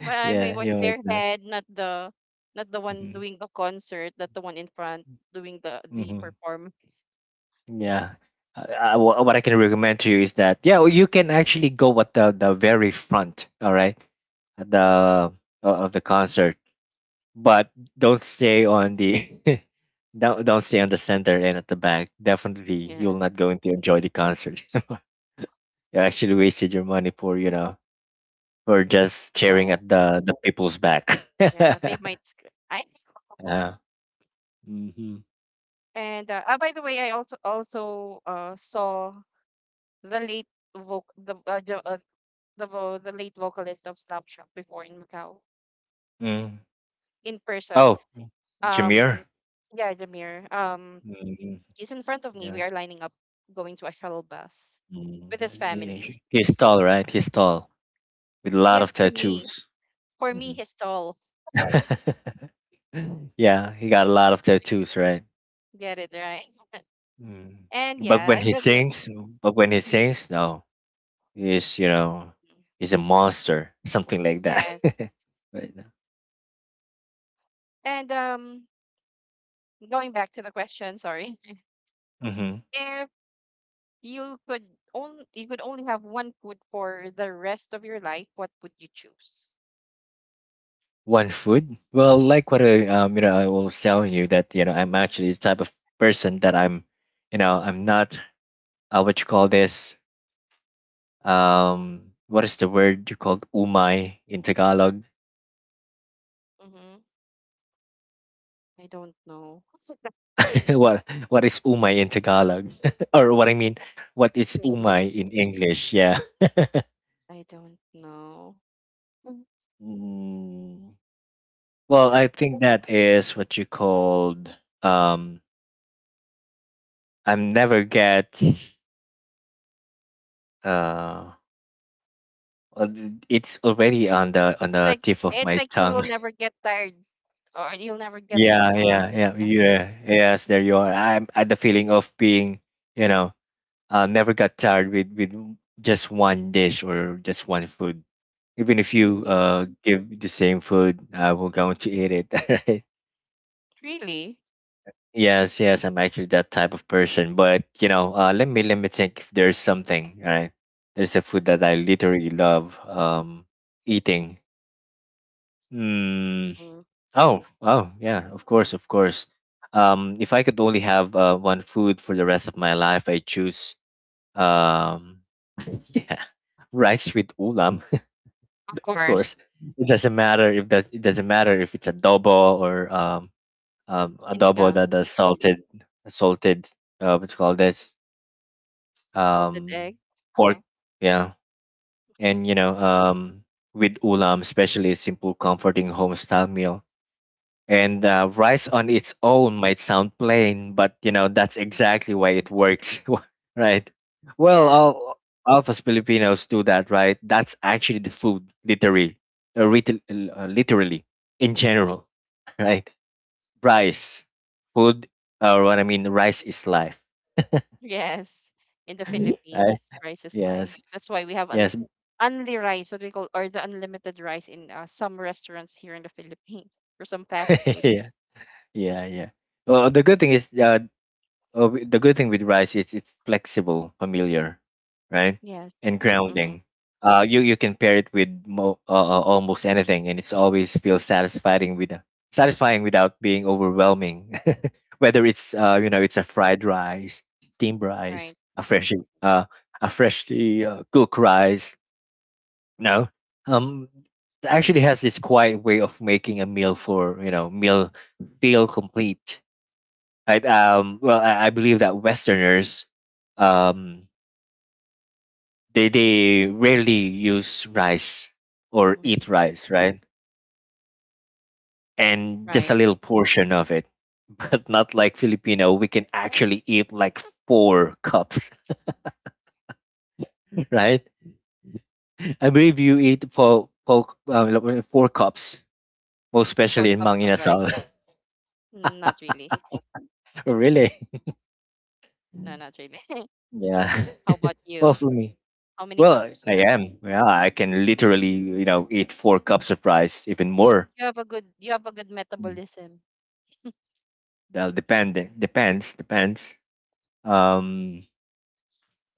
Speaker 1: But I may
Speaker 2: Yeah,
Speaker 1: watch
Speaker 2: you might
Speaker 1: their
Speaker 2: not.
Speaker 1: head, not the not the one
Speaker 2: hmm
Speaker 1: doing the concert, not the one in front doing the the
Speaker 2: hmm
Speaker 1: performance.
Speaker 2: yeah. I, I, wha- what I can recommend to you is that, yeah, well, you can actually go at the the very front, all right, at the, uh, of the concert. But don't stay on the don't don't stay on the center and at the back. Definitely,
Speaker 1: Yeah,
Speaker 2: you're not going to enjoy the concert. You actually wasted your money for, you know for just staring
Speaker 1: no.
Speaker 2: at the the people's back.
Speaker 1: Yeah, they might. Sc- I
Speaker 2: Yeah. Mm-hmm.
Speaker 1: and uh, ah, by the way, I also also uh saw the late voc the uh, the, uh, the vo- the late vocalist of Slapshot before in Macau
Speaker 2: Mm.
Speaker 1: in person.
Speaker 2: Oh, Jameer.
Speaker 1: Um, yeah, Jamir. Um,
Speaker 2: Mm-hmm.
Speaker 1: he's in front of me.
Speaker 2: Yeah.
Speaker 1: We are lining up going to a shuttle bus with his
Speaker 2: Mm.
Speaker 1: family.
Speaker 2: He- He's tall, right? He's tall with a lot
Speaker 1: Yes,
Speaker 2: of
Speaker 1: for me.
Speaker 2: tattoos.
Speaker 1: For me,
Speaker 2: hmm
Speaker 1: he's tall.
Speaker 2: yeah, he got a lot of tattoos, right?
Speaker 1: Get it right.
Speaker 2: Mm.
Speaker 1: And
Speaker 2: But
Speaker 1: yeah,
Speaker 2: when
Speaker 1: I-
Speaker 2: he
Speaker 1: I go-
Speaker 2: sings, but when he
Speaker 1: mhm.
Speaker 2: sings, no, he's, you know, he's a monster, something like that.
Speaker 1: Yes.
Speaker 2: Right now.
Speaker 1: And um, going back to the question, sorry.
Speaker 2: Mm-hmm.
Speaker 1: If you could only you could only have one food for the rest of your life, what would you choose?
Speaker 2: One food. Well, like what I, um you know I was telling you that, you know I'm actually the type of person that I'm, you know I'm not, uh, what you call this, um what is the word you called umay in Tagalog?
Speaker 1: Mm-hmm. I don't know.
Speaker 2: what what is umay in Tagalog? Or, what I mean, what is
Speaker 1: In
Speaker 2: umay
Speaker 1: English,
Speaker 2: in English? Yeah.
Speaker 1: I don't know. Mm.
Speaker 2: Mm. Well, I think that is what you called, um I'm never get, uh uh, it's already on the on
Speaker 1: It's
Speaker 2: the
Speaker 1: like
Speaker 2: tip of
Speaker 1: it's
Speaker 2: my
Speaker 1: like you will
Speaker 2: tongue.
Speaker 1: never get tired, or you'll never get.
Speaker 2: Yeah,
Speaker 1: Uh,
Speaker 2: yeah, yeah,
Speaker 1: uh-huh.
Speaker 2: yeah. Yes, there you are. I'm at the feeling of being, you know, uh, never got tired with with just one dish or just one food. Even if you,
Speaker 1: Really,
Speaker 2: uh give the same food, I will going to eat it.
Speaker 1: really.
Speaker 2: Yes, yes, I'm actually that type of person. But, you know, uh, let me let me think if there's something. Right, there's a food that I literally love, um, eating. Mm,
Speaker 1: Mm,
Speaker 2: oh, oh, yeah, of course, of course. Um, if I could only have, uh, one food for the rest of my life, I choose, um, yeah, rice with ulam.
Speaker 1: of
Speaker 2: Of
Speaker 1: course.
Speaker 2: course, it doesn't matter if does it doesn't matter if it's adobo or, um, um, adobo that
Speaker 1: Sinigang,
Speaker 2: is salted, salted. Uh, what you call this?
Speaker 1: salted
Speaker 2: um,
Speaker 1: egg.
Speaker 2: Pork, yeah, and, you know, um, with ulam, especially a simple, comforting homestyle meal. And, uh, rice on
Speaker 1: Mhm,
Speaker 2: its own might sound plain, but, you know that's
Speaker 1: mhm.
Speaker 2: exactly why it works, right? Well,
Speaker 1: Yes.
Speaker 2: all, all of us Filipinos do that, right? That's actually the food, literally, uh, ritil- uh, literally, in general, right? Rice, food, or, what I mean, rice is life,
Speaker 1: Yes. In the
Speaker 2: right?
Speaker 1: Philippines, rice is life.
Speaker 2: Yes,
Speaker 1: That's why we have an
Speaker 2: yes,
Speaker 1: only rice, what we call, or the unlimited rice in uh, some restaurants here in the Philippines for some fast foods.
Speaker 2: yeah. Yeah, yeah. Well, the good thing is, uh, uh, wi- the good thing with rice is it's flexible, familiar, right,
Speaker 1: Yes.
Speaker 2: and
Speaker 1: Mm-hmm.
Speaker 2: grounding. Uh, you you can pair it with, mo- uh, uh, almost anything, and it's always feels satisfying with satisfying without being overwhelming. Whether it's, uh, you know it's a fried rice, steamed rice,
Speaker 1: Right.
Speaker 2: a freshly uh, a freshly, uh, cooked rice, no, um, it actually has this quiet way of making a meal, for you know meal feel complete, right? Um, well, I, I believe that Westerners, um, they they rarely use rice or eat
Speaker 1: Mm-hmm.
Speaker 2: rice, right? And just a
Speaker 1: Right.
Speaker 2: little portion of it. But not like Filipino, we can actually eat like four cups. Right? I believe you eat four four, um, like, uh, four cups, most
Speaker 1: Four
Speaker 2: especially in Mang
Speaker 1: cups of
Speaker 2: Inasal.
Speaker 1: rice. Not really.
Speaker 2: Really?
Speaker 1: No, not really.
Speaker 2: Yeah.
Speaker 1: How about you?
Speaker 2: Well, for me.
Speaker 1: How many
Speaker 2: Well,
Speaker 1: cups?
Speaker 2: I am. Yeah, I can literally, you know, eat four cups of rice, even more.
Speaker 1: You have a good you have a good
Speaker 2: Mm.
Speaker 1: metabolism.
Speaker 2: Well, depend depends depends. Um,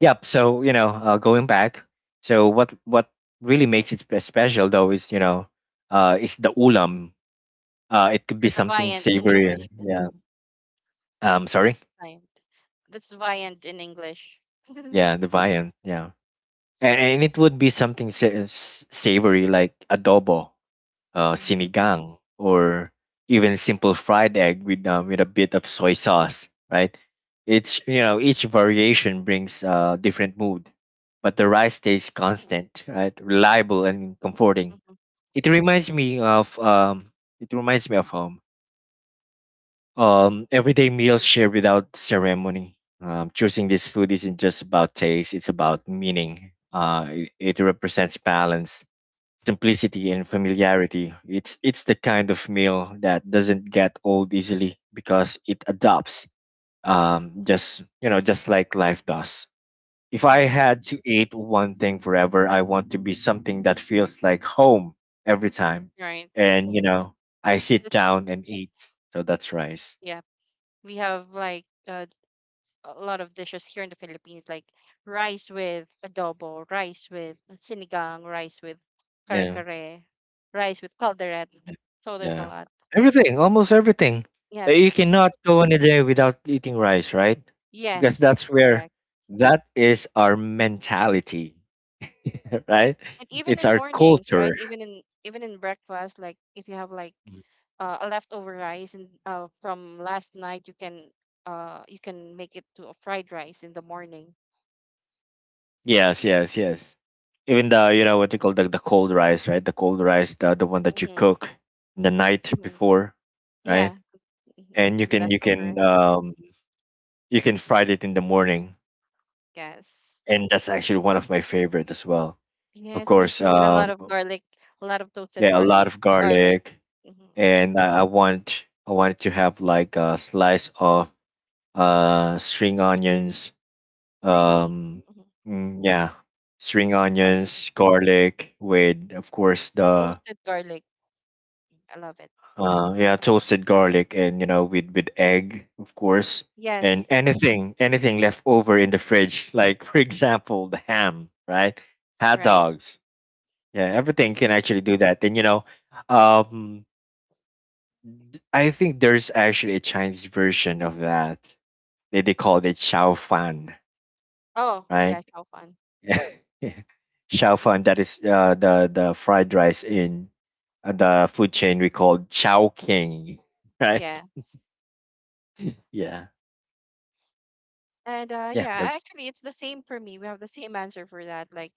Speaker 2: yep. So, you know, uh, going back. So what what really makes it spe- special, though, is, you know, uh, is the ulam. Uh, it could be
Speaker 1: You're the
Speaker 2: something
Speaker 1: viand in
Speaker 2: savory.
Speaker 1: English.
Speaker 2: Yeah. Um, sorry.
Speaker 1: Viant. That's Viant in English.
Speaker 2: Yeah, the viand. Yeah, and and it would be something sa- s- savory, like adobo, uh,
Speaker 1: Hmm, hmm.
Speaker 2: sinigang, or even simple fried egg with um, with a bit of soy sauce, right? Each, you know, each variation brings a different mood, but the rice stays constant, right? Reliable and comforting. It reminds me of um, it reminds me of home. Um,
Speaker 1: Yeah.
Speaker 2: everyday meals shared without ceremony. Um, choosing this food isn't just about taste; it's about meaning. Uh, it, it represents balance, simplicity and familiarity. It's it's the kind of meal that doesn't get old easily because it adapts. Um, just, you know, just like life does. If I
Speaker 1: Mm-hmm.
Speaker 2: had to eat one thing forever, I want to be something that feels like home every time.
Speaker 1: Right.
Speaker 2: And, you know, I sit
Speaker 1: It's
Speaker 2: down and eat. So that's rice.
Speaker 1: yeah. We have like uh, a lot of dishes here in the Philippines, like rice with adobo, rice with sinigang, rice with kare
Speaker 2: Yeah.
Speaker 1: kare, rice with calderette. So there's a
Speaker 2: Yeah.
Speaker 1: lot.
Speaker 2: Everything, almost everything.
Speaker 1: Yeah.
Speaker 2: Uh, You
Speaker 1: Mm-hmm.
Speaker 2: cannot go on a day without eating rice, right? Because
Speaker 1: Yes.
Speaker 2: that's where
Speaker 1: Correct.
Speaker 2: that is our mentality, right?
Speaker 1: And even
Speaker 2: It's
Speaker 1: in
Speaker 2: our
Speaker 1: mornings, right,
Speaker 2: culture.
Speaker 1: even in even in breakfast, like if you have like uh, a leftover rice and uh, from last night, you can uh you can make it to a fried rice in the morning.
Speaker 2: Yes, yes, yes. Even the, you know, what you call the the cold rice, right? The cold rice, the the one that you
Speaker 1: Mm-hmm,
Speaker 2: cook the night
Speaker 1: hmm,
Speaker 2: before, right?
Speaker 1: yeah. Mm-hmm.
Speaker 2: And you can you
Speaker 1: Leftover
Speaker 2: can
Speaker 1: rice.
Speaker 2: um you can fry it in the morning,
Speaker 1: Yes,
Speaker 2: and that's actually one of my favorite as well. Of
Speaker 1: yes, me
Speaker 2: course.
Speaker 1: too, with a lot
Speaker 2: um
Speaker 1: of garlic, a lot of toasted
Speaker 2: Yeah, a lot
Speaker 1: garlic,
Speaker 2: of
Speaker 1: garlic.
Speaker 2: garlic,
Speaker 1: Mm-hmm.
Speaker 2: and I, I want I want to have like a slice of uh string onions.
Speaker 1: Really.
Speaker 2: Um,
Speaker 1: Mm-hmm.
Speaker 2: mm, yeah, string
Speaker 1: Spring onions,
Speaker 2: onions, garlic, with, of course, the
Speaker 1: toasted garlic, I love it.
Speaker 2: uh yeah, toasted garlic, and, you know, with with egg, of course, and
Speaker 1: Yes.
Speaker 2: anything anything left over in the
Speaker 1: Mhm,
Speaker 2: fridge, like, for example, the ham, right? Hot
Speaker 1: right.
Speaker 2: dogs. Yeah, everything
Speaker 1: Hmm.
Speaker 2: can actually do that. And, you know, um I think there's actually a Chinese version of that. They they call it Xiao Fan,
Speaker 1: Oh
Speaker 2: right?
Speaker 1: yeah, how fun.
Speaker 2: Xiao Fan, that is uh, the the fried rice in uh, the food chain we call Chao King, right?
Speaker 1: Yes.
Speaker 2: Yeah,
Speaker 1: And uh
Speaker 2: yeah.
Speaker 1: yeah,
Speaker 2: That's...
Speaker 1: actually it's the same for me. We have the same answer for that. Like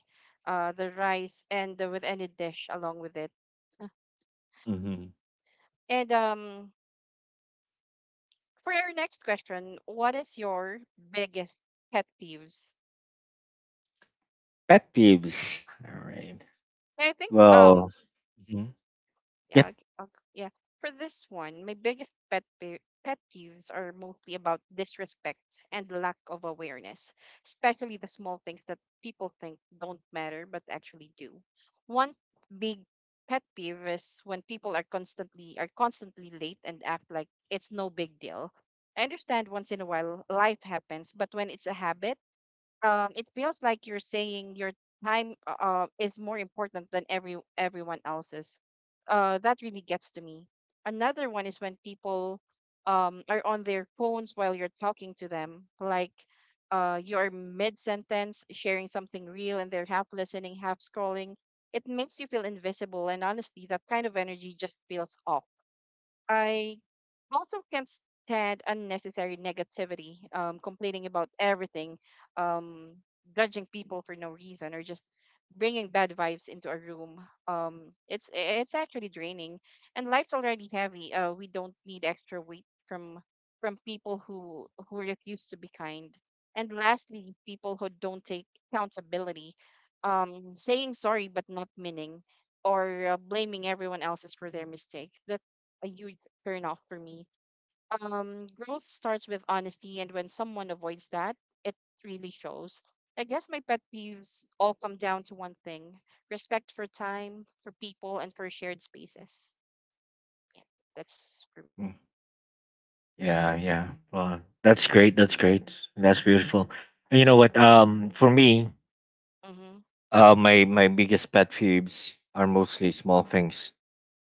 Speaker 1: uh the rice and the, with any dish along with it.
Speaker 2: Hmm.
Speaker 1: And um for our next question, what is your biggest pet peeves?
Speaker 2: Pet peeves. All right.
Speaker 1: I think um
Speaker 2: Well, mhm.
Speaker 1: yeah,
Speaker 2: Yep.
Speaker 1: like, uh, yeah. For this one, my biggest pet pe- pet peeves are mostly about disrespect and lack of awareness, especially the small things that people think don't matter but actually do. One big pet peeve is when people are constantly are constantly late and act like it's no big deal. I understand once in a while life happens, but when it's a habit, um it feels like you're saying your time uh uh, is more important than every everyone else's. Uh that really gets to me. Another one is when people um are on their phones while you're talking to them. Like, uh you're mid sentence sharing something real and they're half listening, half scrolling. It makes you feel invisible, and honestly that kind of energy just feels off. I also can't stand unnecessary negativity, um, complaining about everything, um, judging people for no reason, or just bringing bad vibes into a room. Um, it's it's actually draining, and life's already heavy. Uh, we don't need extra weight from from people who who refuse to be kind. And lastly, people who don't take accountability, um, saying sorry but not meaning, or uh, blaming everyone else's for their mistakes. That a huge turn off for me. Um, growth starts with honesty, and when someone avoids that, it really shows. I guess my pet peeves all come down to one thing: respect for time, for people, and for shared spaces. That's for me.
Speaker 2: Mm. Yeah, yeah. Well, that's great. That's great. That's beautiful. And you know what? Um, for me,
Speaker 1: Mm-hmm.
Speaker 2: Uh, my my biggest pet peeves are mostly small things,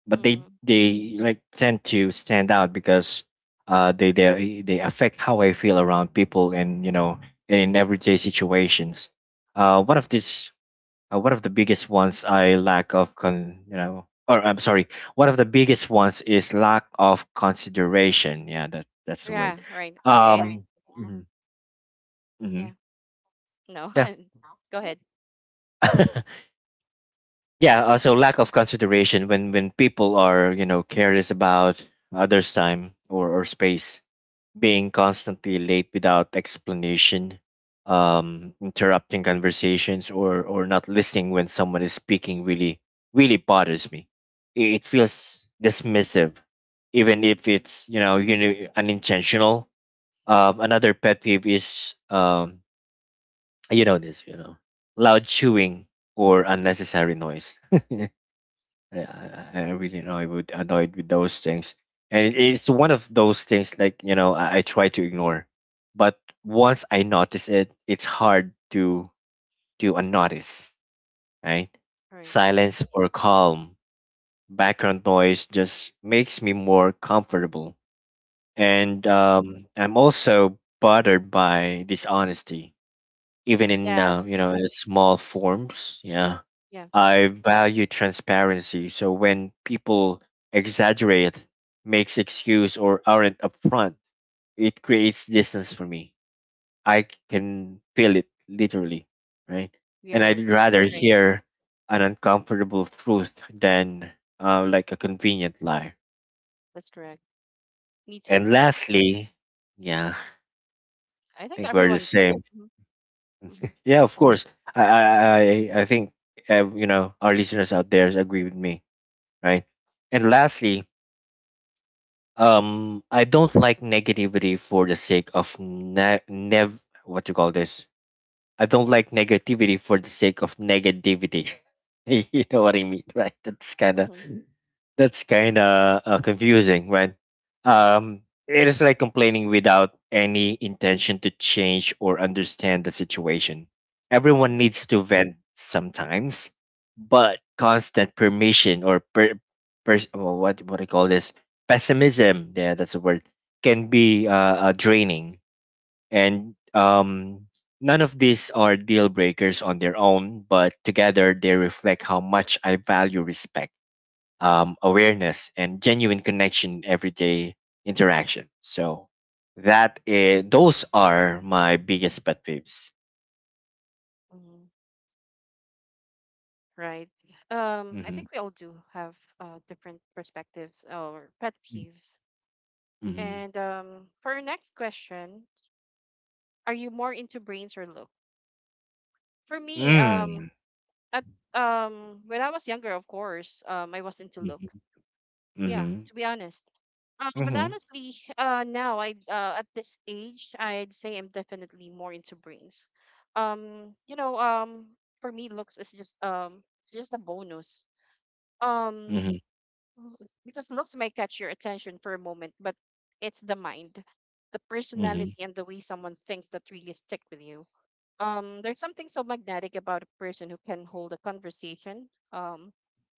Speaker 2: but they
Speaker 1: Mm-hmm.
Speaker 2: they like tend to stand out because uh they they they affect how I feel around people and, you know, and in everyday situations. Uh, one of these uh, One of the biggest ones, I lack of con you know or I'm sorry, one of the biggest ones is lack of consideration. Yeah, that that's the
Speaker 1: Yeah,
Speaker 2: word.
Speaker 1: right. It's
Speaker 2: Um, mhm,
Speaker 1: yeah.
Speaker 2: mhm,
Speaker 1: No,
Speaker 2: yeah.
Speaker 1: go ahead.
Speaker 2: Yeah, uh, so lack of consideration, when when people are, you know, careless about others' time or or space, being constantly late without explanation, um, interrupting conversations, or or not listening when someone is speaking really really bothers me. It, it feels dismissive, even if it's, you know, you know, unintentional. Um, another pet peeve is, um, you know this, you know, loud
Speaker 1: Mm-hmm.
Speaker 2: chewing or unnecessary noise. Yeah, I, I I really know I would annoyed with those things, and it- it's one of those things, like, you know I, I try to ignore, but once I notice it, it's hard to to unnotice. Right,
Speaker 1: Right.
Speaker 2: silence or calm background noise just makes me more comfortable,
Speaker 1: Mm-hmm.
Speaker 2: and um, I'm also bothered by dishonesty, even in uh,
Speaker 1: Yes.
Speaker 2: you know in small forms. Yeah,
Speaker 1: Yeah.
Speaker 2: I value transparency. So when people exaggerate, makes excuse or aren't upfront, it creates distance for me. I can feel it literally, right?
Speaker 1: We
Speaker 2: And I'd
Speaker 1: are
Speaker 2: rather
Speaker 1: right.
Speaker 2: hear an uncomfortable truth than uh, like a convenient lie.
Speaker 1: That's correct. Me too.
Speaker 2: And lastly, yeah, I
Speaker 1: I think
Speaker 2: think we're the
Speaker 1: everyone do.
Speaker 2: same.
Speaker 1: Mm-hmm. Mm-hmm.
Speaker 2: Yeah, of course. I I I I think, uh, you know, our listeners out there agree with me, right? And lastly, Um, I don't like negativity for the sake of ne- nev what you call this. I don't like negativity for the sake of negativity. You know what I mean, right? That's kind of
Speaker 1: Mm-hmm.
Speaker 2: that's kind of uh, confusing, right? Um, it is like complaining without any intention to change or understand the situation. Everyone needs to vent sometimes, but constant permission or per, pers- oh, what what do you call this, pessimism? Yeah, that's the word. Can be uh, uh, draining, and, um, none of these are deal breakers on their own, but together they reflect how much I value respect, um, awareness and genuine connection everyday interaction. So that is, those are my biggest pet peeves.
Speaker 1: Mm-hmm. Right. Um, I
Speaker 2: Mm-hmm.
Speaker 1: think we all do have uh, different perspectives or pet peeves.
Speaker 2: Mm-hmm.
Speaker 1: And um, for our next question, are you more into brains or look? For me, um,
Speaker 2: Mm.
Speaker 1: at um, when I was younger, of course, um, I was into look.
Speaker 2: Mm-hmm.
Speaker 1: Yeah,
Speaker 2: Mm-hmm.
Speaker 1: to be honest. Uh, but
Speaker 2: Mm-hmm.
Speaker 1: honestly, uh, now I uh, at this age, I'd say I'm definitely more into brains. Um, you know, um, for me, looks is just um, it's just a bonus. Um, Oh, because looks may catch your attention for a moment, but it's the mind, the
Speaker 2: Mm-hmm.
Speaker 1: personality, and the way someone thinks that really stick with you. Um, there's something so magnetic about a person who can hold a conversation, um,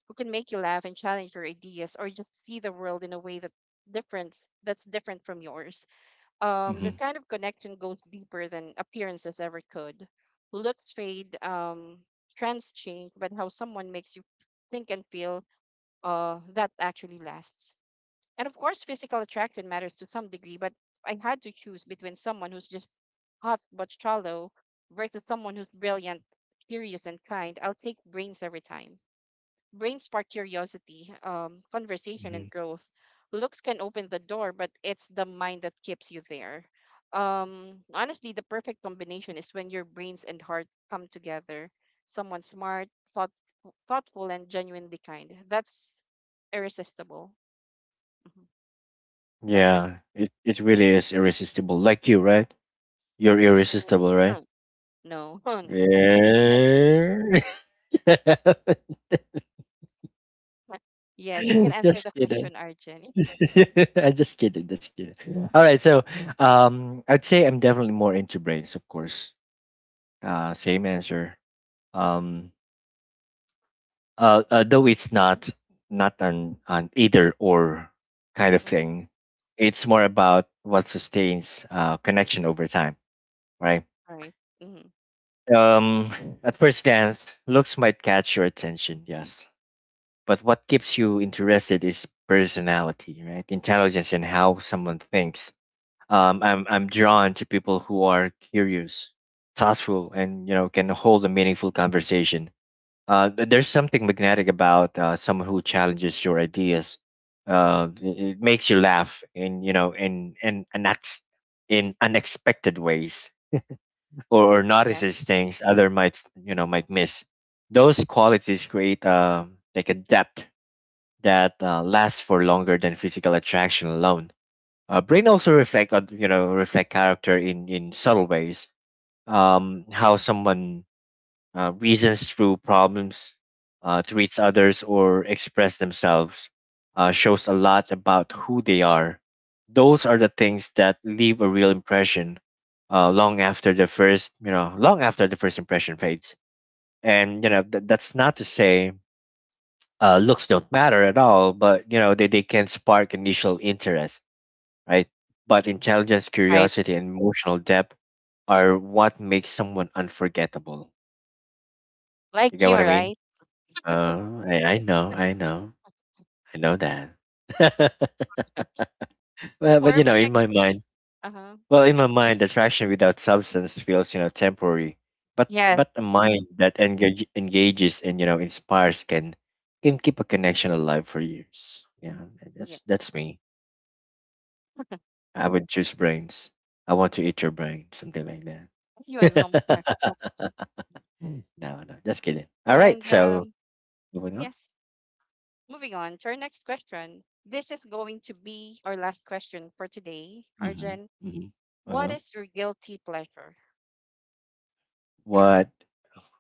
Speaker 1: who can make you laugh and challenge your ideas, or just see the world in a way that difference that's different from yours. Um, that
Speaker 2: Mm-hmm.
Speaker 1: kind of connection goes deeper than appearances ever could. Looks fade, um, trends change, but how someone makes you think and feel, uh, that actually lasts. And of course, physical attraction matters to some degree, but I had to choose between someone who's just hot but shallow versus someone who's brilliant, curious, and kind. I'll take brains every time. Brains spark curiosity, um, conversation,
Speaker 2: Hmm.
Speaker 1: and growth. Looks can open the door, but it's the mind that keeps you there. Um, honestly, the perfect combination is when your brains and heart come together. Someone smart, thought, thoughtful, and genuinely kind. That's irresistible. Mhm. That for me.
Speaker 2: Yeah, it, it really is irresistible, like you, right? You're
Speaker 1: Mm,
Speaker 2: irresistible, right?
Speaker 1: no, I don't believe
Speaker 2: Yeah.
Speaker 1: so. Yes, you can answer
Speaker 2: Just
Speaker 1: the
Speaker 2: kidding.
Speaker 1: question, Arjun.
Speaker 2: I just kidding, just kidding. Yeah. All right, so, um, I'd say I'm definitely more into brains, of course. Uh, same answer. Um, uh, uh, though it's not not an an either or kind of
Speaker 1: Mm-hmm.
Speaker 2: thing. It's more about what sustains uh, connection over time, right?
Speaker 1: Right. Mm-hmm.
Speaker 2: Um, at first glance, looks might catch your attention, yes. But what keeps you interested is personality, right? Intelligence and how someone thinks. Um, I'm I'm drawn to people who are curious, thoughtful, and, you know, can hold a meaningful conversation. Uh, th- there's something magnetic about uh, someone who challenges your ideas. Uh, it, it makes you laugh in, you know in in an ex- in unexpected ways, or, or notices
Speaker 1: Yes.
Speaker 2: things other might, you know might miss. Those qualities create uh, like a depth that uh, lasts for longer than physical attraction alone. Uh, brain also reflect on, you know reflect character in in subtle ways. Um, how someone uh, reasons through problems, uh, treats others, or express themselves uh, shows a lot about who they are. Those are the things that leave a real impression, uh, long after the first, you know long after the first impression fades. And, you know, th- that's not to say uh, looks don't matter at all, but, you know, they, they can spark initial interest, right? But intelligence,
Speaker 1: Right.
Speaker 2: curiosity, and emotional depth are what makes someone unforgettable. You
Speaker 1: Like
Speaker 2: get
Speaker 1: you,
Speaker 2: what I mean?
Speaker 1: right?
Speaker 2: Uh, I, I know, I know, I know that. Well, but,
Speaker 1: For
Speaker 2: you know,
Speaker 1: my
Speaker 2: in
Speaker 1: next,
Speaker 2: my mind,
Speaker 1: uh-huh.
Speaker 2: well, in my mind, attraction without substance feels, you know, temporary. But
Speaker 1: Yeah.
Speaker 2: but a mind
Speaker 1: Mhm.
Speaker 2: that engage, engages and, you know, inspires can can keep a connection alive for years. Yeah, that-
Speaker 1: Yeah,
Speaker 2: that's that's me. I would choose brains. I want to eat your brain, something like
Speaker 1: you a zombie. Are.
Speaker 2: that. Mm, no, no, just kidding. All right,
Speaker 1: And
Speaker 2: so
Speaker 1: um,
Speaker 2: moving on.
Speaker 1: yes, moving on to our next question. This is going to be our last question for today,
Speaker 2: Mm-hmm,
Speaker 1: Arjun.
Speaker 2: mm-hmm,
Speaker 1: What
Speaker 2: uh-huh.
Speaker 1: is your guilty pleasure? Yeah,
Speaker 2: What?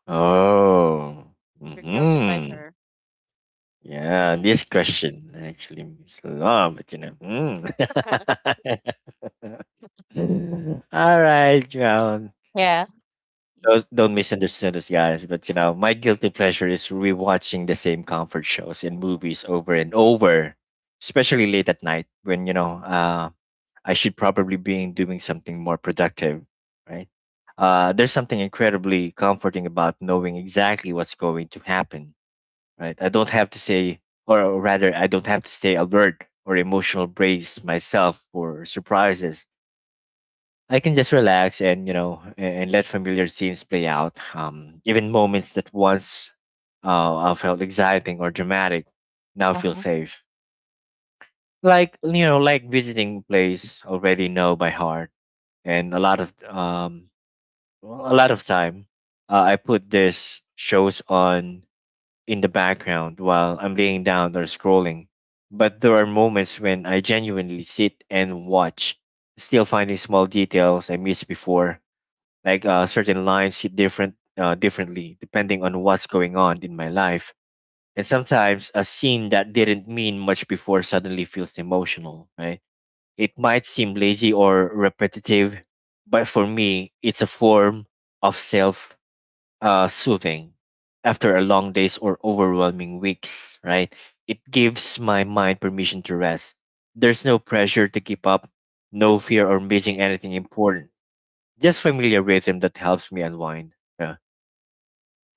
Speaker 2: Oh,
Speaker 1: your guilty
Speaker 2: mm-hmm.
Speaker 1: pleasure.
Speaker 2: Yeah,
Speaker 1: Hmm.
Speaker 2: this question actually means a lot, but you know. Mm. All right, John.
Speaker 1: Yeah. Hmm.
Speaker 2: Don't, don't misunderstand us, guys. But, you know, my guilty pleasure is rewatching the same comfort shows and movies over and over, especially late at night when, you know, uh, I should probably be doing something more productive, right? Uh, there's something incredibly comforting about knowing exactly what's going to happen, right? I don't have to say, or rather, I don't have to stay alert or emotional brace myself for surprises. I can just relax, and, you know, a- and let familiar scenes play out. Um, even moments that once uh, uh, felt exciting or dramatic now feel
Speaker 1: Uh-huh.
Speaker 2: safe. Like, you know, like visiting a place already know by heart. And a lot of, um well, a lot of time, uh, I put these shows on in the background while I'm laying down or scrolling. But there are moments when I genuinely sit and watch, still finding small details I missed before, like uh, certain lines hit different, uh, differently, depending on what's going on in my life. And sometimes a scene that didn't mean much before suddenly feels emotional, right? It might seem lazy or repetitive, but for me, it's a form of self uh, soothing after a long days or overwhelming weeks, right? It gives my mind permission to rest. There's no pressure to keep up, no fear or missing
Speaker 1: Right.
Speaker 2: anything important. Just familiar rhythm that helps me unwind. Yeah.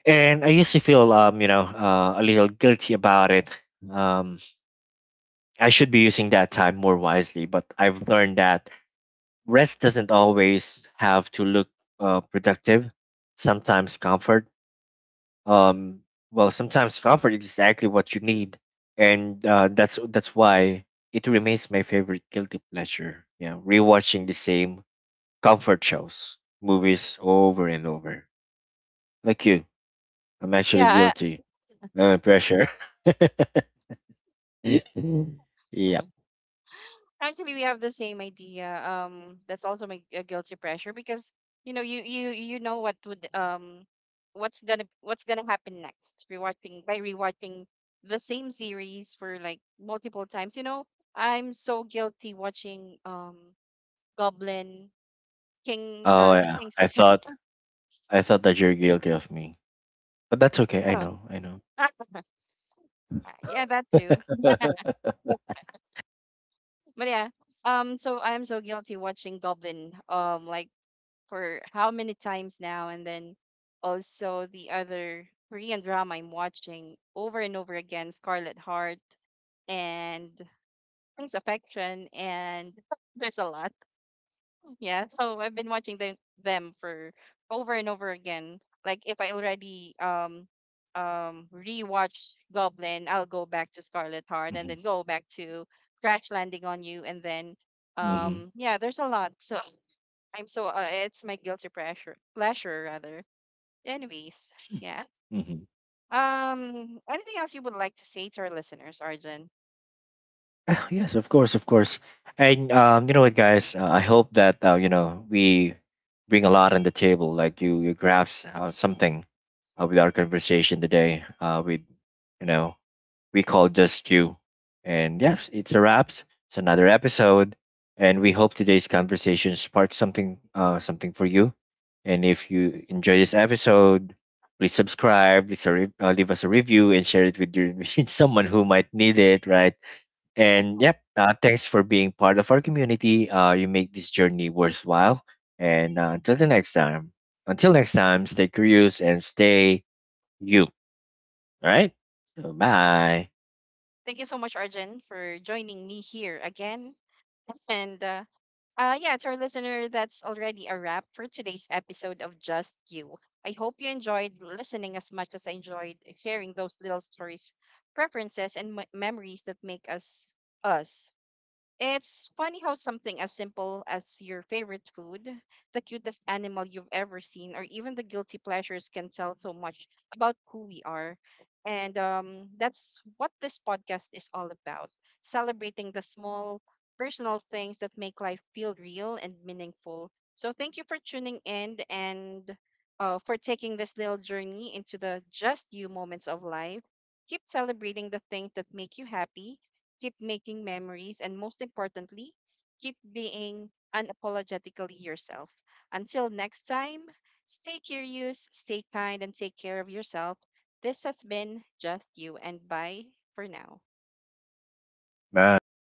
Speaker 2: And I used to feel, um, you know, uh, a little guilty about it. Um, I should be using that time more wisely, but I've learned that rest doesn't always have to look uh, productive. Sometimes comfort, um, well, sometimes comfort is exactly what you need, and, uh, that's that's why it remains my favorite guilty pleasure. Yeah, rewatching the same comfort shows, movies over and over. Like you, I'm actually
Speaker 1: Yeah.
Speaker 2: guilty. Uh, pressure.
Speaker 1: I,
Speaker 2: Yep.
Speaker 1: actually, we have the same idea. Um, that's also my a guilty pressure because you know you you you know what would um what's gonna what's gonna happen next. Rewatching by rewatching the same series for like multiple times. You know, I'm so guilty watching um Goblin King,
Speaker 2: Oh
Speaker 1: uh the
Speaker 2: yeah.
Speaker 1: Kings of
Speaker 2: I thought I thought that you're guilty of me, but that's okay. I
Speaker 1: Pa-
Speaker 2: know. I know.
Speaker 1: yeah, that too. But yeah, um, so I'm so guilty watching Goblin, um like for how many times now, and then also the other Korean drama I'm watching over and over again, Scarlet Heart and Prince Affection, and there's a lot. Yeah, so I've been watching them them for over and over again. Like if I already um um rewatch Goblin, I'll go back to Scarlet Heart and then go back to Crash Landing on You, and then
Speaker 2: Hmm.
Speaker 1: um yeah, there's a lot. So I'm so uh, it's my guilty pressure pleasure rather. Anyways, yeah.
Speaker 2: Hmm.
Speaker 1: Um, anything else you would like to say to our listeners, Arjun?
Speaker 2: Ah, yes, of course, of course. And, um, you know what, guys? Uh, I hope that, uh, you know, we bring a lot on the table. Like, you, you grasp uh, something uh, with our conversation today. Uh, with You know, we call Just You. And yes, it's a wraps. It's another episode, and we hope today's conversation sparked something, uh, something for you. And if you
Speaker 1: Mhm.
Speaker 2: enjoy this episode, please subscribe, please a re- uh, leave us a review, and share it with your with someone who might need it. Right.
Speaker 1: Yeah.
Speaker 2: And yep, uh, thanks for being part of our community. Uh, you make this journey worthwhile. And, uh, until the next time, until next time, stay curious and stay you. All right. So bye.
Speaker 1: Thank you so much, Arjun, for joining me here again. And uh, uh, yeah, to our listener, that's already a wrap for today's episode of Just You. I hope you enjoyed listening as much as I enjoyed sharing those little stories, preferences, and m- memories that make us us. It's funny how something as simple as your favorite food, the cutest animal you've ever seen, or even the guilty pleasures can tell so much about who we are. And um, that's what this podcast is all about: celebrating the small personal things that make life feel real and meaningful. So thank you for tuning in and uh, for taking this little journey into the just you moments of life. Keep celebrating the things that make you happy, keep making memories, and most importantly, keep being unapologetically yourself. Until next time, stay curious, stay kind, and take care of yourself. This has been Just You, and bye for now.
Speaker 2: Bye.